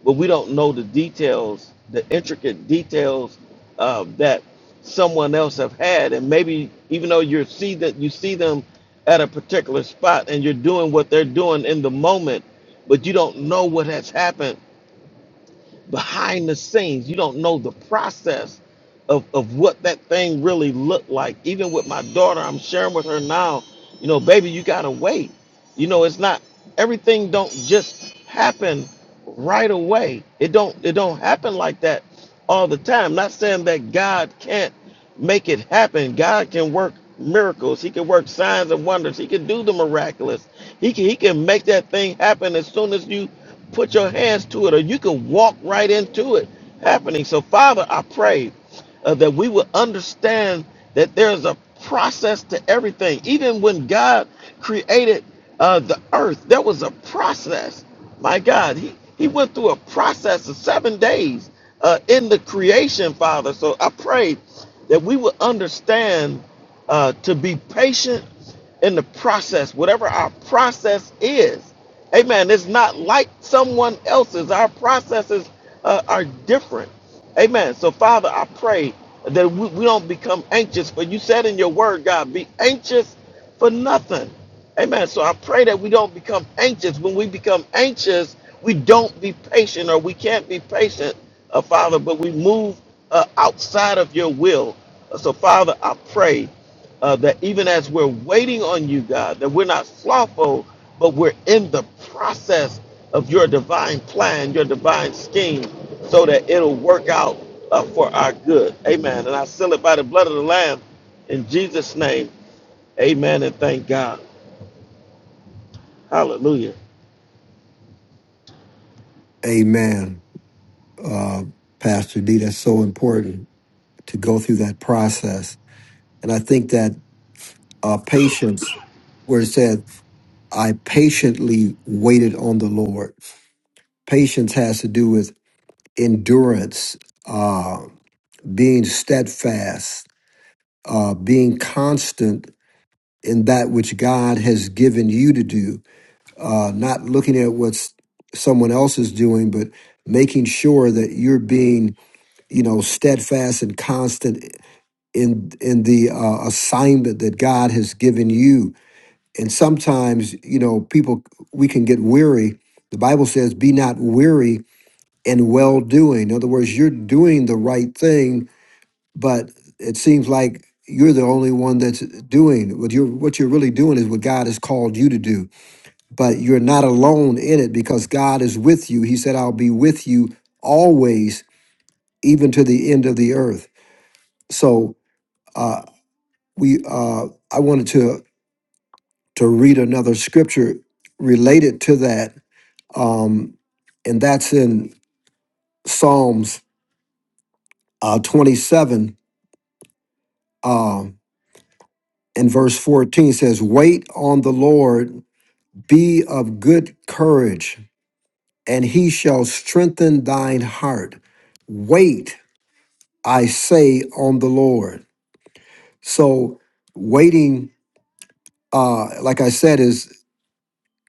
A: But we don't know the details, the intricate details uh, that someone else have had, and maybe even though you see that you see them at a particular spot and you're doing what they're doing in the moment, but you don't know what has happened behind the scenes. You don't know the process of, of what that thing really looked like. Even with my daughter, I'm sharing with her now, you know, baby, you gotta wait. You know, it's not everything don't just happen right away. It don't it don't happen like that all the time. Not saying that God can't make it happen. God can work miracles. He can work signs and wonders. He can do the miraculous. He can he can make that thing happen as soon as you Put your hands to it, or you can walk right into it happening. So, Father, I pray uh, that we will understand that there's a process to everything. Even when God created uh, the earth, there was a process. My God, He, he went through a process of seven days uh, in the creation, Father. So, I pray that we will understand uh, to be patient in the process, whatever our process is. Amen. It's not like someone else's. Our processes uh, are different. Amen. So, Father, I pray that we, we don't become anxious, but you said in your word, God, be anxious for nothing. Amen. So I pray that we don't become anxious. When we become anxious, we don't be patient or we can't be patient, uh, Father, but we move uh, outside of your will. Uh, So, Father, I pray uh, that even as we're waiting on you, God, that we're not slothful, but we're in the process of your divine plan, your divine scheme, so that it'll work out uh, for our good. Amen. And I seal it by the blood of the Lamb in Jesus' name. Amen. And thank God. Hallelujah.
C: Amen. Uh, Pastor D, that's so important to go through that process. And I think that uh, patience, where it said, I patiently waited on the Lord. Patience has to do with endurance, uh, being steadfast, uh, being constant in that which God has given you to do uh, not looking at what someone else is doing, but making sure that you're being, you know, steadfast and constant in in the uh, assignment that God has given you. And sometimes, you know, people we can get weary. The Bible says, "Be not weary in well doing." In other words, you're doing the right thing, but it seems like you're the only one that's doing what you're what you're really doing is what God has called you to do but you're not alone in it because God is with you. He said, I'll be with you always, even to the end of the earth. So uh, we, uh, I wanted to to read another scripture related to that, um, and that's in Psalms uh, 27 um, and verse 14 says, "Wait on the Lord, be of good courage, and He shall strengthen thine heart. Wait." I say on the Lord. So waiting, uh, like I said, is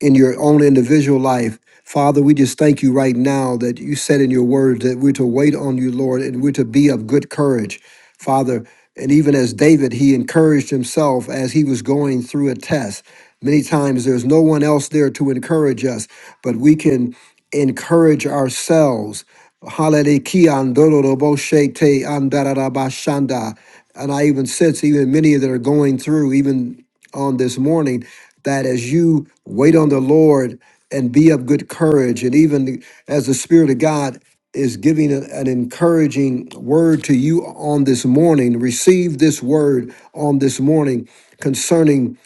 C: in your own individual life. Father, we just thank you right now that you said in your words that we're to wait on you, Lord, and we're to be of good courage. Father, and even as David, he encouraged himself as he was going through a test. Many times there's no one else there to encourage us, but we can encourage ourselves. Hallelujah. Ki andororobo shete andarabashanda. And I even sense, even many that are going through, even on this morning, that as you wait on the Lord and be of good courage, and even as the Spirit of God is giving a- an encouraging word to you on this morning, receive this word on this morning concerning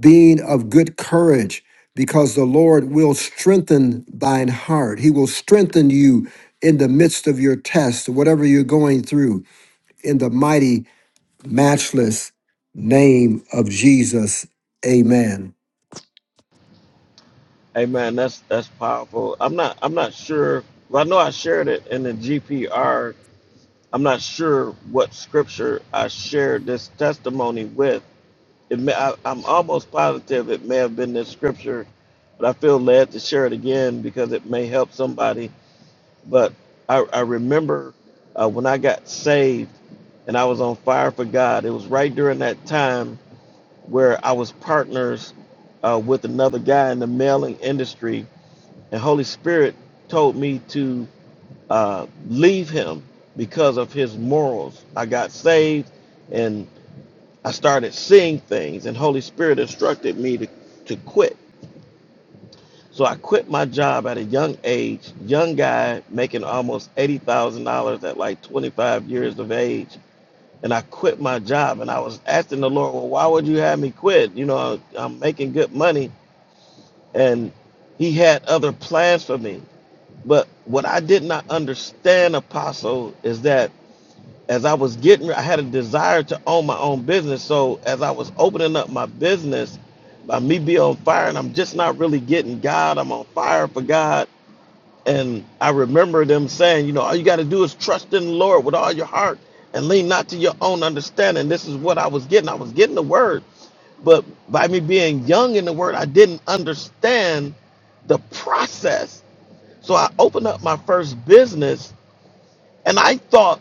C: being of good courage, because the Lord will strengthen thine heart. He will strengthen you in the midst of your test, whatever you're going through, in the mighty, matchless name of Jesus. Amen.
A: Amen. That's that's powerful. I'm not I'm not sure. Well, I know I shared it in the GPR. I'm not sure what scripture I shared this testimony with It may, I, I'm almost positive it may have been this scripture, but I feel led to share it again because it may help somebody. But I, I remember uh, when I got saved and I was on fire for God, it was right during that time where I was partners uh, with another guy in the mailing industry, and Holy Spirit told me to uh, leave him because of his morals. I got saved and. I started seeing things, and Holy Spirit instructed me to, to quit. So I quit my job at a young age, young guy making almost $80,000 at like 25 years of age. And I quit my job, and I was asking the Lord, Well, why would you have me quit? You know, I'm making good money. And He had other plans for me. But what I did not understand, Apostle, is that as I was getting, I had a desire to own my own business. So as I was opening up my business, by me being on fire, and I'm just not really getting God. I'm on fire for God. And I remember them saying, you know, all you got to do is trust in the Lord with all your heart and lean not to your own understanding. This is what I was getting. I was getting the word. But by me being young in the word, I didn't understand the process. So I opened up my first business and I thought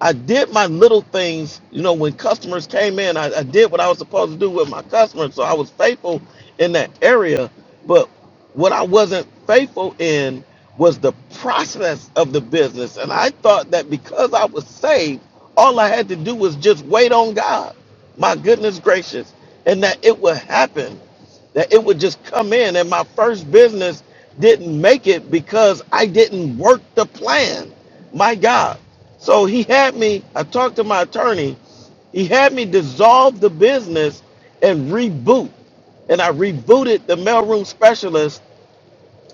A: I did my little things, you know, when customers came in, I, I did what I was supposed to do with my customers. So I was faithful in that area. But what I wasn't faithful in was the process of the business. And I thought that because I was saved, all I had to do was just wait on God. My goodness gracious. And that it would happen that it would just come in and my first business didn't make it because I didn't work the plan. My God. So he had me, I talked to my attorney, he had me dissolve the business and reboot. And I rebooted the mailroom specialist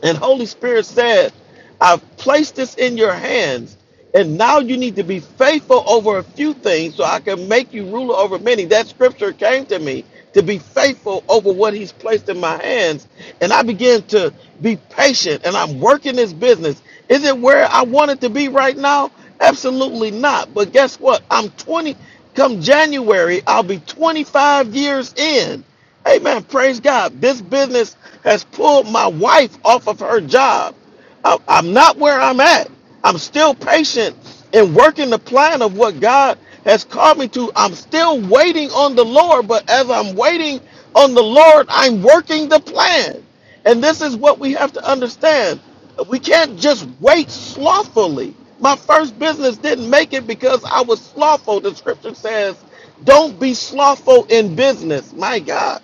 A: and Holy Spirit said, I've placed this in your hands, and now you need to be faithful over a few things so I can make you ruler over many. That scripture came to me to be faithful over what he's placed in my hands. And I began to be patient and I'm working this business. Is it where I want it to be right now? Absolutely not. But guess what? I'm 20 come January, I'll be 25 years in. Amen. Praise God. This business has pulled my wife off of her job. I- I'm not where I'm at. I'm still patient in working the plan of what God has called me to. I'm still waiting on the Lord, but as I'm waiting on the Lord, I'm working the plan. And this is what we have to understand. We can't just wait slothfully. My first business didn't make it because I was slothful. The scripture says don't be slothful in business. My God.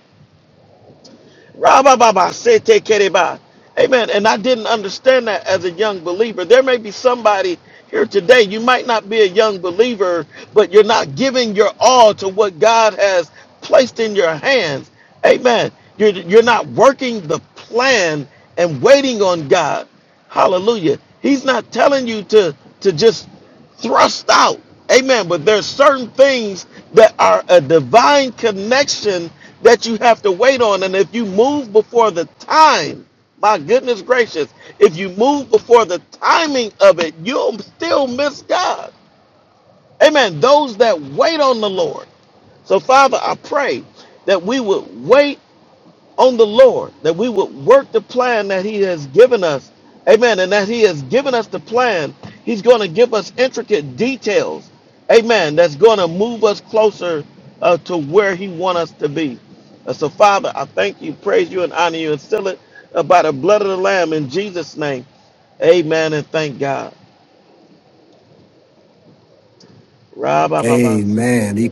A: Rabababa, sete kereba. Amen. And I didn't understand that as a young believer. There may be somebody here today. You might not be a young believer, but you're not giving your all to what God has placed in your hands. Amen. You're, you're not working the plan and waiting on God. Hallelujah. He's not telling you to, to just thrust out. Amen. But there's certain things that are a divine connection that you have to wait on. And if you move before the time, my goodness gracious, if you move before the timing of it, you'll still miss God. Amen. Those that wait on the Lord. So, Father, I pray that we would wait on the Lord that we would work the plan that He has given us. Amen. And that He has given us the plan. He's going to give us intricate details. Amen. That's going to move us closer uh, to where He wants us to be. Uh, so, Father, I thank you, praise you, and honor you, and seal it uh, by the blood of the Lamb in Jesus' name. Amen. And thank God.
C: Amen.
A: Rabababasiteke,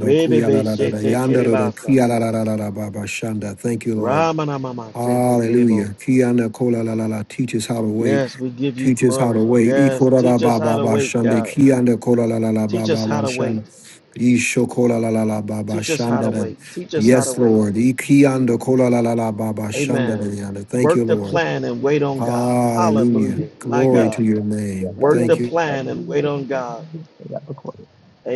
A: rebebeshetekerebasa,
C: Thank you, Lord.
A: ramanamamasetekerebo.
C: Hallelujah. Kiana kola la la la. Teach us how to wait.
A: Yes, we give you
C: Teach us how to
A: glory.
C: wait. E
A: Yes,
C: kola la
A: teach us
C: ba
A: how
C: ba
A: to
C: ba
A: wait,
C: shande.
A: God.
C: Kiana kola la la la ba
A: Teach us
C: ba
A: how
C: ba
A: to wait.
C: shande. E sho kola la la la ba ba
A: Teach us how to
C: shande. da.
A: wait. Teach us how to
C: Yes,
A: wait.
C: Lord. E kiana kola la la la ba ba shande. da
A: Amen.
C: yanda. Thank
A: Work
C: you,
A: the
B: Amen.
C: Lord.
A: plan and wait on God.
C: Hallelujah.
B: Yes.
A: Hallelujah. My
C: Glory
B: Yes,
C: to
A: God.
C: your
B: yes.
C: name.
B: I
A: Work
B: am
A: the
C: Thank
A: plan and
B: in
A: wait on God.
B: the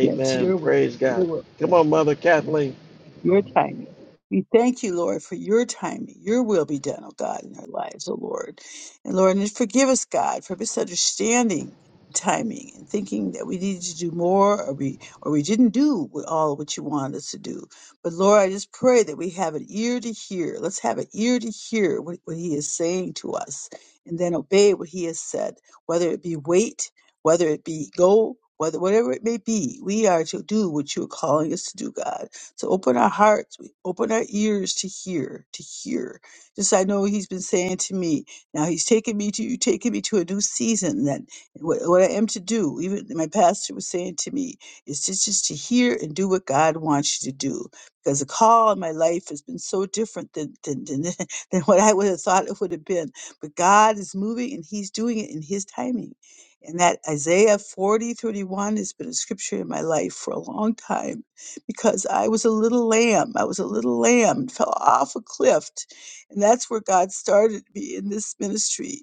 B: Yes, your will.
A: Praise
B: Your
A: God.
B: will.
A: Come
B: Yes.
A: on, Mother
B: Yes
A: Kathleen.
B: your timing. We thank you, Lord, for your timing. Your will be done, oh God, in our lives, oh Lord. And Lord, and forgive us, God, for misunderstanding timing and thinking that we needed to do more or we or we didn't do what- all what you wanted us to do. But Lord, I just pray that we have an ear to hear. Let's have an ear to hear what, what he is saying to us and then obey what he has said, whether it be wait, whether it be go, whether whatever it may be, we are to do what you're calling us to do, God. So open our hearts, we open our ears to hear, to hear. Just I know He's been saying to me, now He's taking me to you, taking me to a new season. That what, what I am to do, even my pastor was saying to me, is to just to hear and do what God wants you to do. Because the call in my life has been so different than than than, than what I would have thought it would have been. But God is moving and He's doing it in His timing. And that Isaiah 40 31 has been a scripture in my life for a long time because I was a little lamb. I was a little lamb fell off a cliff. And that's where God started me in this ministry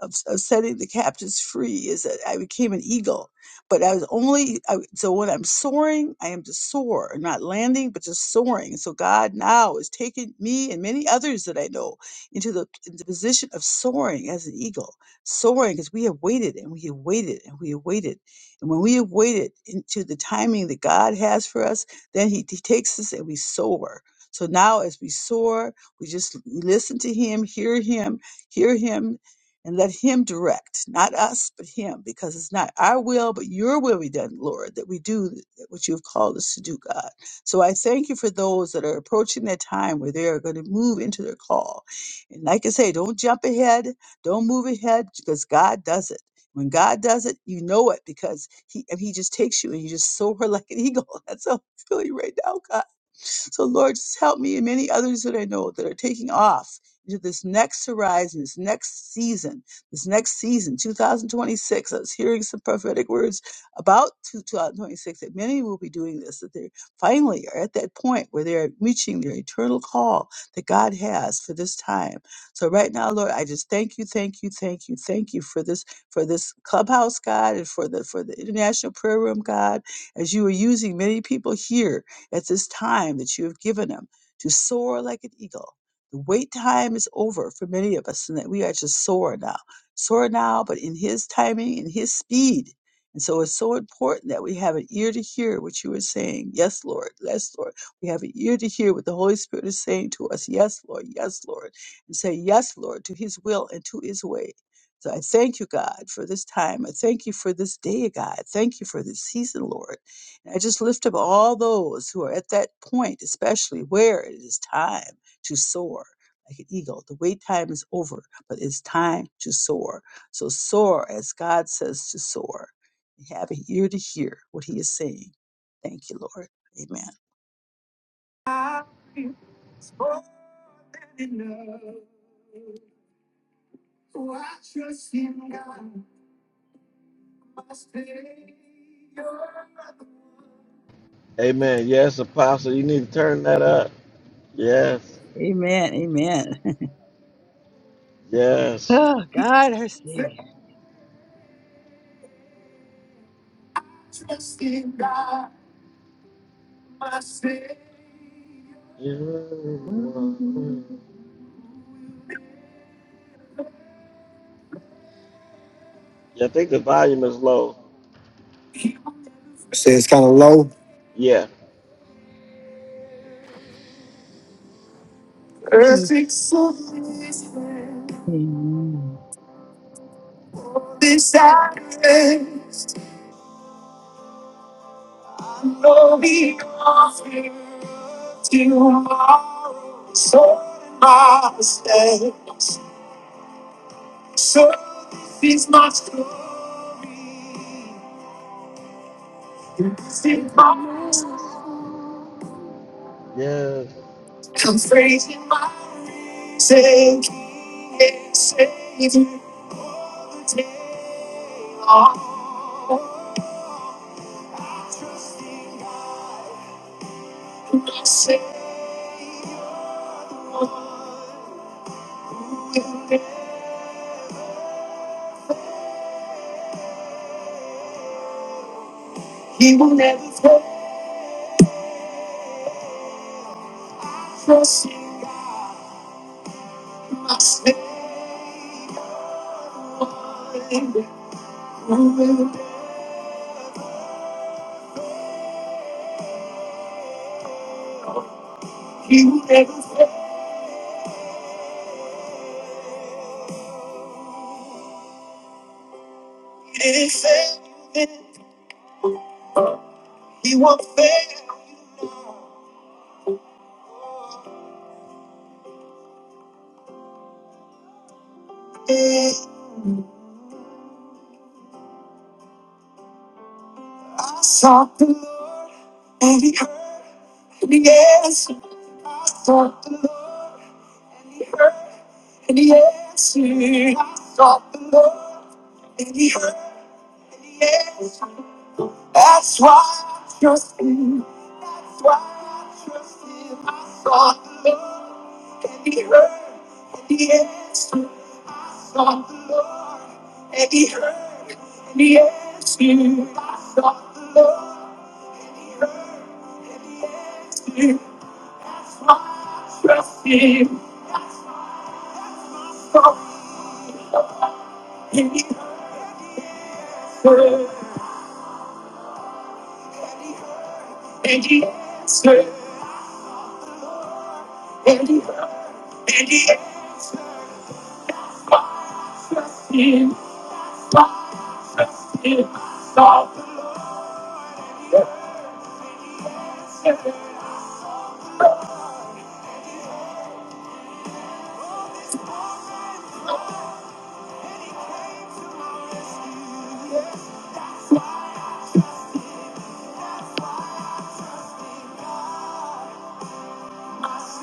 B: of, of setting the captives free is that I became an eagle. But I was only, I, so when I'm soaring, I am to soar, not landing, but just soaring. So God now is taking me and many others that I know into the, into the position of soaring as an eagle, soaring because we have waited and we have waited and we have waited. And when we have waited into the timing that God has for us, then He, he takes us and we soar. So now as we soar, we just listen to Him, hear Him, hear Him, and let him direct, not us, but him, because it's not our will, but your will be done, Lord, that we do what you have called us to do, God. So I thank you for those that are approaching that time where they are going to move into their call. And like I say, don't jump ahead, don't move ahead, because God does it. When God does it, you know it because He and He just takes you and you just soar like an eagle. That's how I'm feeling right now, God. So Lord, just help me and many others that I know that are taking off into this next horizon, this next season, this next season, 2026. I was hearing some prophetic words about 2026 that many will be doing this, that they finally are at that point where they're reaching their eternal call that God has for this time. So right now, Lord, I just thank you, thank you, thank you, thank you for this, for this clubhouse, God, and for the for the international prayer room, God, as you are using many people here at this time that you have given them to soar like an eagle the wait time is over for many of us, and that we are just soaring now, soaring now, but in His timing and His speed. And so it's so important that we have an ear to hear what you are saying. Yes, Lord. Yes, Lord. We have an ear to hear what the Holy Spirit is saying to us. Yes, Lord. Yes, Lord. And say, Yes, Lord, to His will and to His way. So I thank you, God, for this time. I thank you for this day, God. Thank you for this season, Lord. And I just lift up all those who are at that point, especially where it is time to soar like an eagle. The wait time is over, but it's time to soar. So soar as God says to soar. We have an ear to hear what He is saying. Thank you, Lord. Amen.
A: Amen. Yes, Apostle, you need to turn that up. Yes.
B: Amen. Amen.
A: Yes.
B: Oh, God, our Savior.
C: you. Say
A: Yeah,
B: Mhm.
A: I think the volume is low.
C: it's kind of low.
A: Yeah.
C: Perfect submission
B: Amen.
C: for this actress. I know the offer of tomorrow. So my mistakes. So this is my story. This is my
A: Yes.
C: I'm praising my sake. Can't save me all the day long. I trust in God, my Savior. He will never fail. Trust in God, my Savior. He will never fail. He didn't fail you then. He won't fail you now. I sought the Lord and he heard and he answered. I sought the Lord and he heard and he answered. I sought the Lord and he heard and he answered. That's why I trust him. That's why I trust him. I sought the Lord and he heard and he answered. I sought the Lord and he heard and he answered. I sought the Lord. I Trust him from the heard, and he answered, and he heard, and he answered. I Trust him, I trust him, all the earth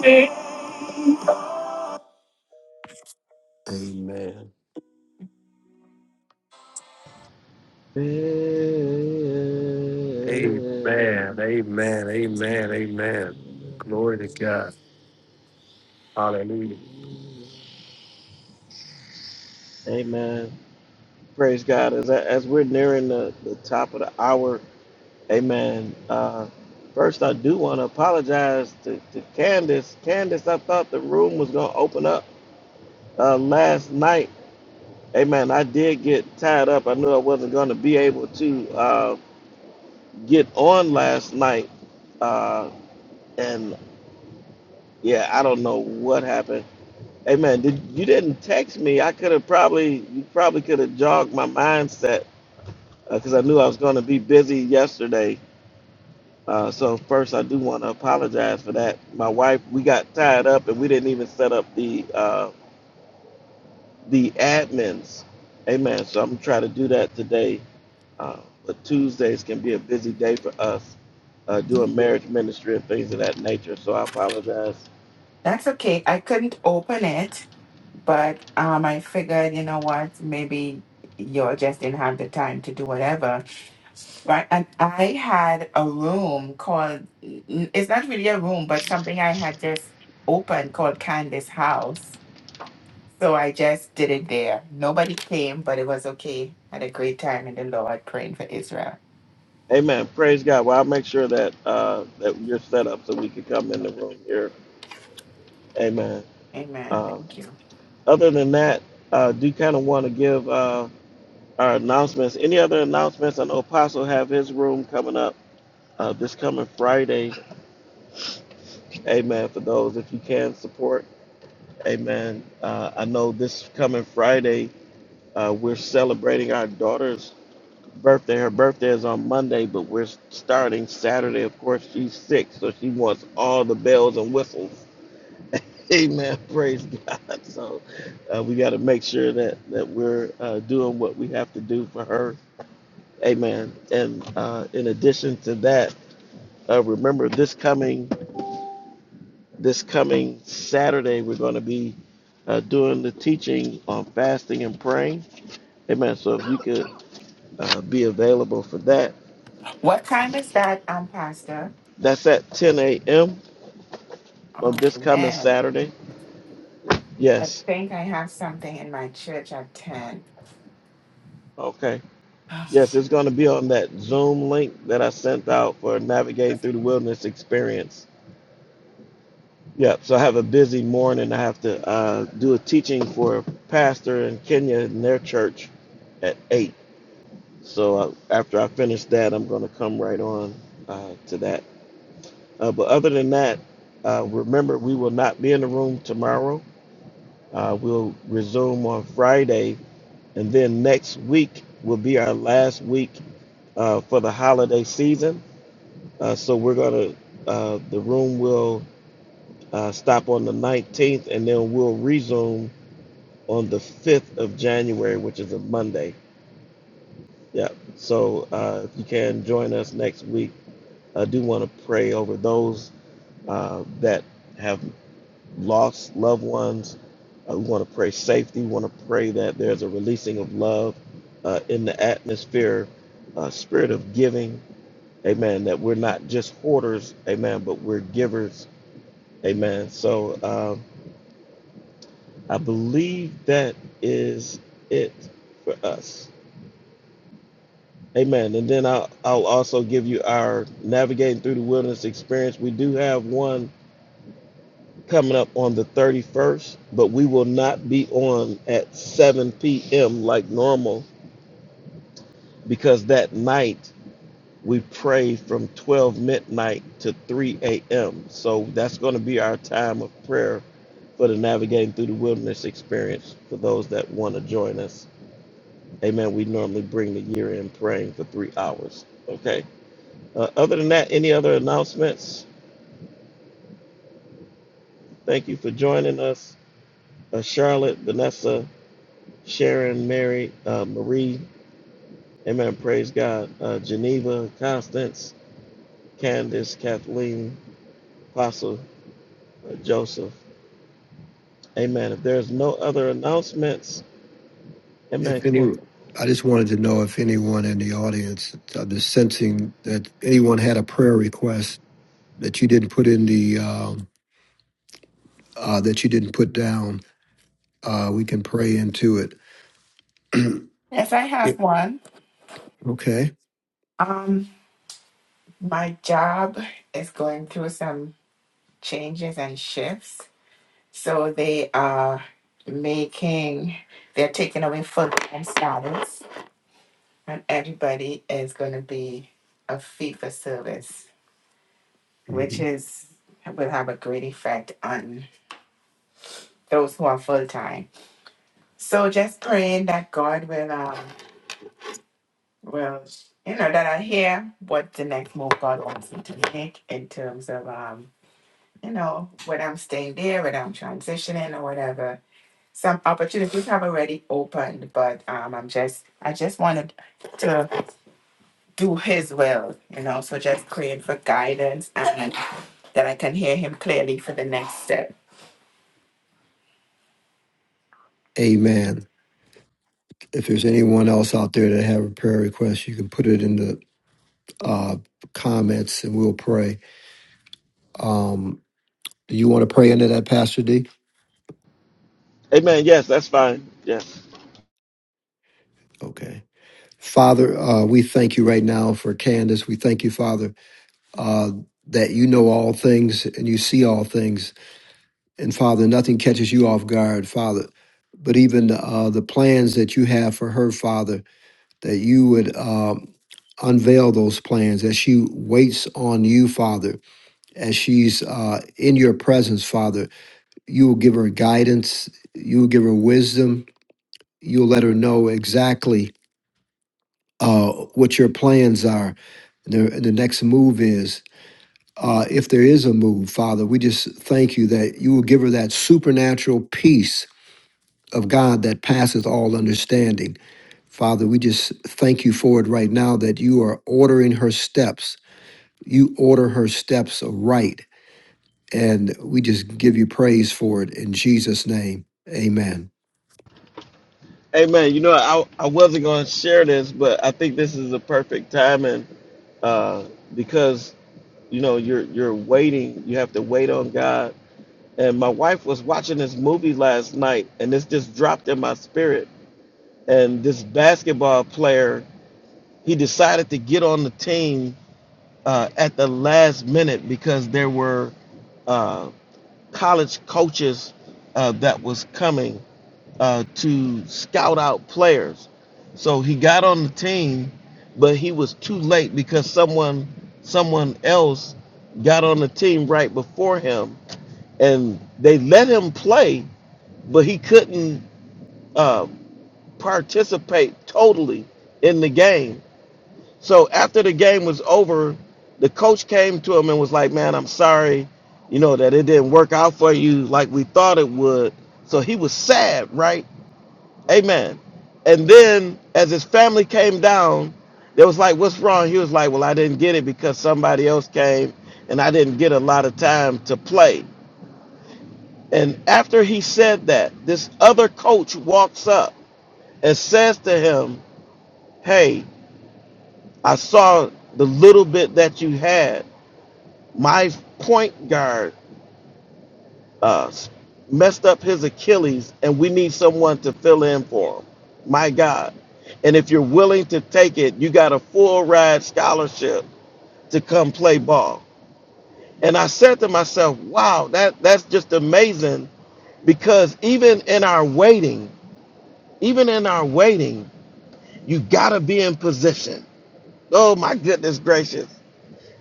C: Amen.
A: Amen.
C: And amen. Amen. Glory to God.
A: Praise God. As, as we're nearing the, the top of the hour, amen. Uh, first, I do want to apologize to, to Candace. Candace, I thought the room was going to open up uh, last night. Amen. I did get tied up. I knew I wasn't going to be able to uh, get on last night. Uh, and yeah, I don't know what happened. Hey man, did, you didn't text me. I could have probably, you probably could have jogged my mindset because I knew I was going to be busy yesterday. Uh, so first, I do want to apologize for that. My wife, we got tied up and we didn't even set up the uh, the admins. Hey man, so I'm gonna try to do that today. Uh, but Tuesdays can be a busy day for us uh, doing marriage ministry and things of that nature. So I apologize.
D: That's okay. I couldn't open it, but um, I figured, you know what, maybe you just didn't have the time to do whatever, right? And I had a room called, n- it's not really a room, but something I had just opened called Candace House. So I just did it there. Nobody came, but it was okay. Had a great time in the Lord praying for Israel.
A: Amen. Praise God. Well, I'll make sure that uh, that you're set up so we can come in the room here Amen.
D: Amen.
A: Um,
D: Thank you.
A: other than that, uh, do kind of want to give uh, our announcements. Any other announcements? I know Apostle have his room coming up uh, this coming Friday. Amen. For those, if you can support. Amen. Uh, I know this coming Friday, uh, we're celebrating our daughter's birthday. Her birthday is on Monday, but we're starting Saturday. Of course, she's six, so she wants all the bells and whistles Amen. Praise God. So uh, we got to make sure that that we're uh, doing what we have to do for her. Amen. And uh, in addition to that, uh, remember this coming this coming Saturday we're going to be uh, doing the teaching on fasting and praying. Amen. So if you could uh, be available for that,
D: What time is that, um, Pastor?
A: that's at 10 a.m.
D: Oh,
A: on this coming
D: man.
A: Saturday.
D: I
A: Yes.
D: think I have something in my church at 10.
A: Okay. Yes, it's going to be on that Zoom link that I sent out for navigating through the wilderness experience. Yep. So I have a busy morning. I have to uh, do a teaching for a pastor in Kenya in their church at eight. So uh, after I finish that, I'm going to come right on uh, to that. Uh, but other than that, uh, remember we will not be in the room tomorrow. Uh, we'll resume on Friday, and then next week will be our last week uh, for the holiday season. Uh, so we're gonna uh, the room will uh, stop on the 19th, and then we'll resume on the 5th of January, which is a Monday. Yeah. So uh, if you can join us next week, I do want to pray over those uh, that have lost loved ones. Uh, we want to pray safety. We want to pray that there's a releasing of love uh, in the atmosphere, uh, spirit of giving. Amen. That we're not just hoarders, amen, but we're givers Amen. So um, I believe that is it for us. Amen. And then I'll, I'll also give you our navigating through the wilderness experience. We do have one coming up on the 31st, but we will not be on at 7 p.m. like normal because that night we pray from 12 midnight to 3 a.m. So that's going to be our time of prayer for the navigating through the wilderness experience for those that want to join us. Amen. We normally bring the year in praying for three hours. Okay. Uh, other than that, any other announcements? Thank you for joining us, uh, Charlotte, Vanessa, Sharon, Mary, uh, Marie. Amen. Praise God. Uh, Geneva, Constance, Candace, Kathleen, Apostle uh, Joseph. Amen. If there's no other announcements, Amen.
C: If
A: Come
C: any,
A: on.
C: I just wanted to know if anyone in the audience, I'm just sensing that anyone had a prayer request that you didn't put in the um, uh, that you didn't put down. Uh, we can pray into it.
D: Yes, I have one.
C: okay.
D: Um, my job is going through some changes and shifts. So they are making, they're taking away full-time status, and everybody is going to be a fee for service, which
C: Mhm.
D: is will have a great effect on those who are full-time. So just praying that God will um, Well, you know, that I hear what the next move God wants me to make in terms of, um, you know, whether I'm staying there, whether I'm transitioning or whatever. Some opportunities have already opened, but um, I'm just, I just wanted to do His will, you know. So just praying for guidance and that I can hear Him clearly for the next step.
C: Amen. If there's anyone else out there that have a prayer request, you can put it in the uh, comments and we'll pray. Um, do you want to pray into that, Pastor D?
A: Amen. Yes, that's fine. Yes.
C: Okay. Father, uh, we thank you right now for Candace. We thank you, Father, uh, that you know all things and you see all things. And Father, nothing catches you off guard, Father. But even uh, the plans that you have for her, Father, that you would uh, unveil those plans as she waits on you, Father, as she's uh, in your presence, Father. You will give her guidance, you will give her wisdom, you'll let her know exactly uh, what your plans are, the, the next move is. Uh, if there is a move, Father, we just thank you that you will give her that supernatural peace of God that passes all understanding. Father, we just thank you for it right now that you are ordering her steps. You order her steps right. And we just give you praise for it in Jesus' name. Amen.
A: Hey man, you know I I wasn't going to share this, but I think this is a perfect timing uh, because you know you're you're waiting. You have to wait on God. And my wife was watching this movie last night, and this just dropped in my spirit. And this basketball player, he decided to get on the team uh, at the last minute because there were uh, college coaches uh, that was coming uh, to scout out players. So he got on the team, but he was too late because someone someone else got on the team right before him, and they let him play, but he couldn't uh, participate totally in the game. So after the game was over, the coach came to him and was like, "Man, I'm sorry, you know that it didn't work out for you like we thought it would." So he was sad, right? Amen. And then as his family came down, they was like, What's wrong? He was like, Well, I didn't get it because somebody else came and I didn't get a lot of time to play. And after he said that, this other coach walks up and says to him, Hey, I saw the little bit that you had. My point guard uh, messed up his Achilles, and we need someone to fill in for him. My God. And if you're willing to take it, you got a full ride scholarship to come play ball. And I said to myself, wow, that, that's just amazing because even in our waiting, even in our waiting, you got to be in position. Oh, my goodness gracious.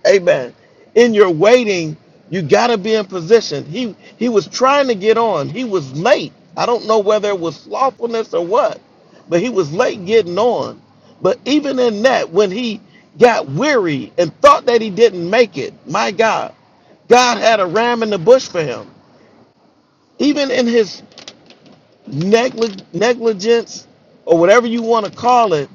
A: Amen. In your waiting, you got to be in position. He he was trying to get on. He was late. I don't know whether it was slothfulness or what, but he was late getting on. But even in that, when he got weary and thought that he didn't make it, my God, God had a ram in the bush for him. Even in his neglig- negligence or whatever you want to call it,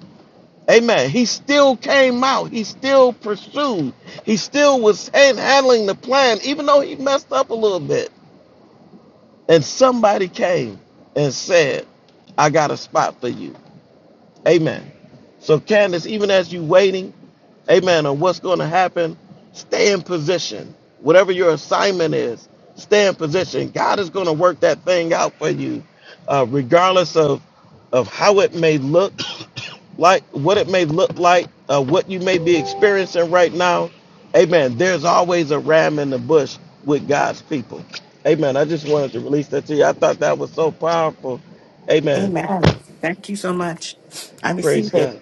A: Amen. He still came out. He still pursued. He still was hand- handling the plan, even though he messed up a little bit. And somebody came and said, I got a spot for you. Amen. So, Candace, even as you waiting, amen, on what's going to happen, stay in position. Whatever your assignment is, stay in position. God is going to work that thing out for you, uh, regardless of of how it may look like, what it may look like, uh, what you may be experiencing right now. Amen. There's always a ram in the bush with God's people. Amen. I just wanted to release that to you. I thought that was so powerful. Amen.
D: Amen. Thank you so much. I
A: Praise
D: receive it.
A: God.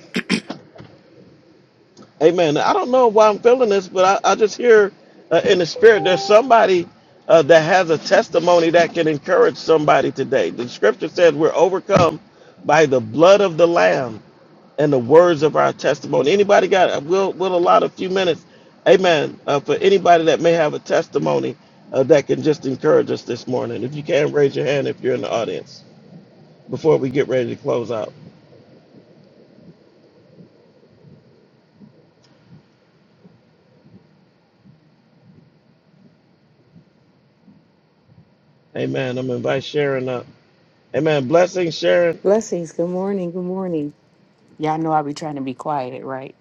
A: Amen. I don't know why I'm feeling this, but I, I just hear uh, in the spirit there's somebody uh, that has a testimony that can encourage somebody today. The scripture says we're overcome by the blood of the Lamb and the words of our testimony. Anybody got, we'll, we'll allot a few minutes, amen, uh, for anybody that may have a testimony uh, that can just encourage us this morning. If you can, raise your hand if you're in the audience before we get ready to close out. Amen. I'm going to invite Sharon up. Amen. Blessing, Sharon.
E: Blessings. Good morning. Good morning. Y'all know I be trying to be quiet, right?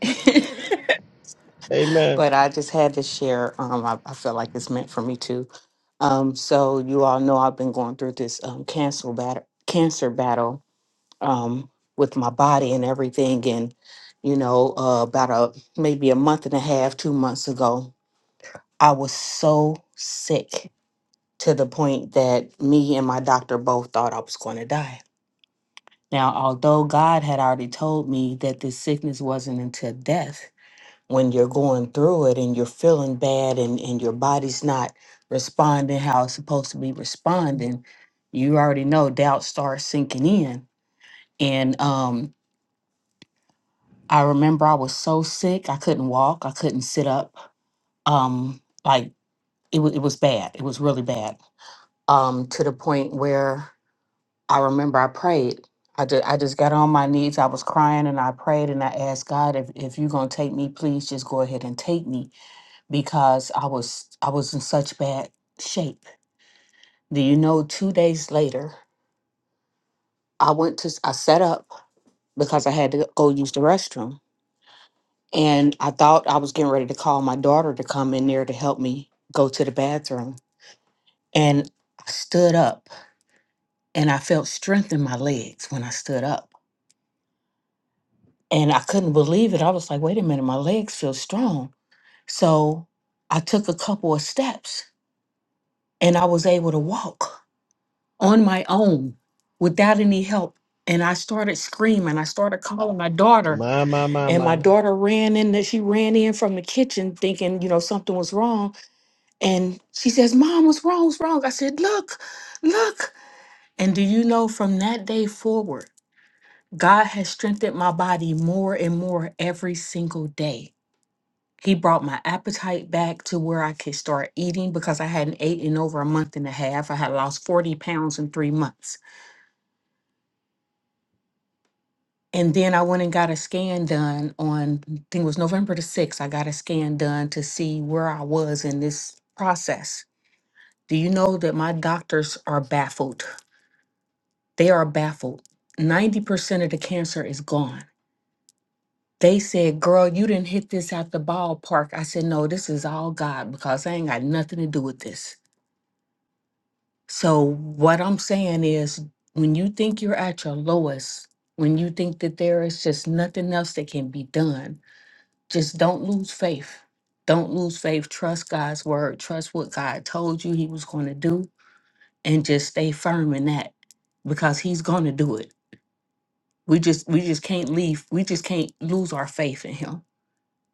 A: Amen.
E: but I just had to share. Um, I, I feel like it's meant for me too. Um, so you all know I've been going through this um cancer battle, cancer battle, um, with my body and everything. And you know, uh, about a maybe a month and a half, two months ago, I was so sick to the point that me and my doctor both thought I was going to die Now, although God had already told me that this sickness wasn't until death, when you're going through it and you're feeling bad and, and your body's not responding how it's supposed to be responding, you already know doubt starts sinking in. And um, I remember I was so sick, I couldn't walk, I couldn't sit up. Um, like it, wa- it was bad, it was really bad um, to the point where I remember I prayed. I just, I just got on my knees. I was crying and I prayed and I asked God if, if you're gonna take me, please just go ahead and take me because I was I was in such bad shape. Do you know two days later I went to s- I set up because I had to go use the restroom. And I thought I was getting ready to call my daughter to come in there to help me go to the bathroom. And I stood up and I felt strength in my legs when I stood up. and I couldn't believe it. I was like, wait a minute, my legs feel strong. So I took a couple of steps and I was able to walk on my own without any help. And I started screaming. I started calling my daughter,
A: My, my, my,
E: and my
A: my,
E: daughter ran in. That she ran in from the kitchen, thinking you know something was wrong. And she says, "Mom, what's wrong? What's wrong?" I said, "Look, look." And do you know? From that day forward, God has strengthened my body more and more every single day He brought my appetite back to where I could start eating because I hadn't ate in over a month and a half. I had lost 40 pounds in three months. And then I went and got a scan done on, I think it was November the 6th. I got a scan done to see where I was in this process. Do you know that my doctors are baffled? They are baffled. 90% of the cancer is gone. They said, Girl, you didn't hit this at the ballpark. I said, No, this is all God because I ain't got nothing to do with this. So, what I'm saying is, when you think you're at your lowest, when you think that there is just nothing else that can be done, just don't lose faith. Don't lose faith. Trust God's word. Trust what God told you He was going to do, and just stay firm in that because He's going to do it. We just we just can't leave. We just can't lose our faith in Him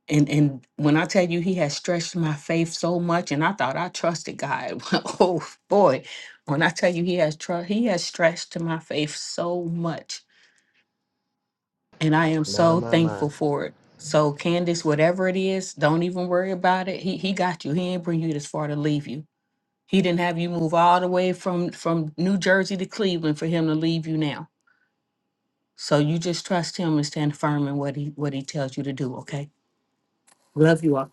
E: and and when I tell you he has stretched my faith so much, and I thought I trusted God. oh boy, when I tell you he has trust, he has stretched to my faith so much, and I am
A: my,
E: so
A: my, my,
E: thankful for it. So Candace, whatever it is, don't even worry about it. He he got you. He ain't bring you this far to leave you. He didn't have you move all the way from from New Jersey to Cleveland for him to leave you now. So you just trust him and stand firm in what he what he tells you to do. Okay. Love you all.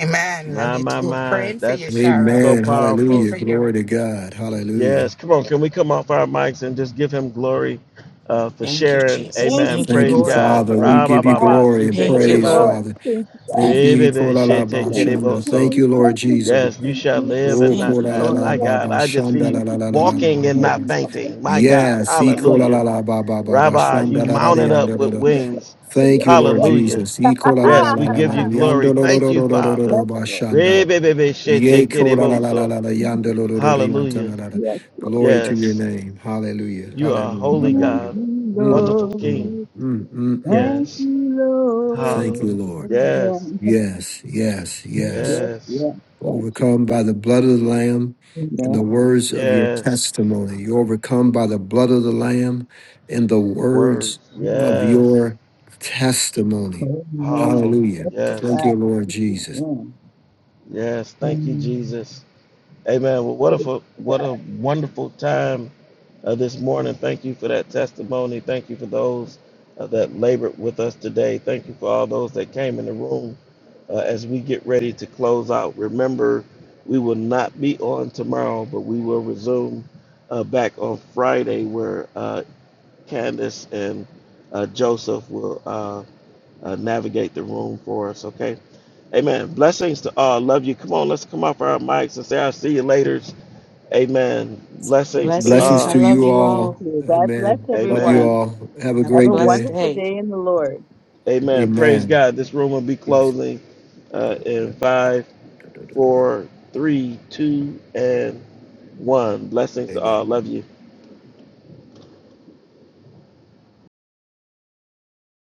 D: Amen. Love
A: my,
D: you
A: my,
D: too.
A: my.
D: Praying for you,
A: That's
D: Sharon.
A: so
C: Amen.
D: Praying
A: powerful.
C: Hallelujah.
D: for you.
C: Glory to God. Hallelujah.
A: Yes. Come on. Can we come off our mics and just give him glory uh, for
E: Thank you,
A: sharing?
E: Jesus.
B: Thank
A: Amen.
B: you,
E: Thank you,
C: Thank
A: Praise
C: you,
E: Lord.
B: Jesus.
A: God.
C: Father.
B: Praise
C: We
A: Ra, ba,
C: give you
A: ba,
B: God.
A: ba,
C: glory
A: si,
C: and
B: Yes,
A: te, ke,
E: Thank you,
A: de,
C: praise,
A: ba.
B: Lord.
E: Lord.
C: Father.
B: Thank you, God.
C: Thank
E: Thank
A: Re,
E: you.
C: you.
A: be, be,
B: Bless
A: she, te, ke, de,
B: you. Thank you
A: bo,
C: Ikorabashanda.
B: for
A: so.
C: Thank you,
B: your
C: Lord Jesus.
A: Yes, you shall
E: Yes,
A: live
C: Oh,
A: and
B: Thank
E: thank
A: not
E: you,
B: you
C: kola
B: for
C: la
A: die.
E: Lord.
B: your
C: la
A: My
C: ba
A: God,
C: ba
A: I just
C: shanda
A: see
B: Yes,
C: la la
B: yes,
C: la la la la
A: walking
C: ba
A: and
C: ba ba.
A: not fainting. My God,
C: Yes, he kola la
A: hallelujah.
C: la ba ba ba ba
A: Rabbi, you
C: shanda la la la
A: mounted up
C: yanda la
A: with
C: la.
A: wings.
C: Thank
B: yes.
C: you, Lord
B: Yes,
A: Hallelujah.
C: Jesus. He kola la la
A: Yes,
C: la
A: we
C: la
A: give
C: la la
A: you glory.
C: yanda la la la
A: Thank
C: la
A: you,
C: la la la
A: Father.
C: la ba
B: Lord.
C: shanda.
B: Yes,
C: Ye kola la la la
A: Re-be-be-be-she-te-ke-de-bo-so.
C: la la yanda la la la la yanda
A: Hallelujah.
C: la la la.
B: yes,
C: Glory
B: Lord.
C: to your
A: Yes,
C: name. Hallelujah.
A: you are
C: Hallelujah.
A: holy
B: Thank
C: Hallelujah.
A: God,
B: you,
C: Mm,
A: wonderful
C: mm,
A: King.
B: Lord.
C: mm, mm, mm.
B: Thank
A: Yes,
B: you,
C: Thank
B: Lord.
A: hallelujah.
C: you, Lord.
B: Amen.
A: Yes,
C: Yes, yes,
B: Yes,
C: yes
B: yes,
A: yes,
B: yes. Thank you.
C: overcome
B: Jesus.
C: by the blood of the Lamb and
B: Amen.
C: the words of your
A: yes.
C: testimony. you overcome by the blood of the Lamb and the
A: The words,
C: words of
B: Amen.
A: yes,
C: your testimony.
A: powerful.
B: Amen.
C: Hallelujah.
A: Yes,
C: Thank
B: Testify.
C: you, Lord
B: Thank you,
C: Jesus.
B: Amen.
A: yes. Thank you,
B: Mm.
A: Jesus. Amen. Well, what a what a wonderful time uh, this morning. Thank you for that testimony. Thank you for those uh, that labored with us today. Thank you for all those that came in the room uh, as we get ready to close out. Remember, we will not be on tomorrow, but we will resume uh, back on Friday where uh, Candace and uh, Joseph will uh, uh, navigate the room for us, okay? Amen. Blessings to all. Love you. Come on, let's come off our mics and say, I'll see you later. Amen. Blessings to
E: Blessings.
C: Blessings
E: I
A: all.
C: to
E: love
C: you
E: you
B: Thank
C: all.
E: all.
B: you. God bless
C: Amen. Love you
A: Amen.
B: everyone.
C: all. Have a
E: Have a
B: Have a
C: great
E: blessed
C: day.
B: wonderful
E: day.
B: day in the Lord.
A: Amen. Praise
C: Amen.
A: God. This room will be
C: Peace.
A: closing uh, in five, four, three, two, and one. Blessings to all.
C: Amen.
A: Love you.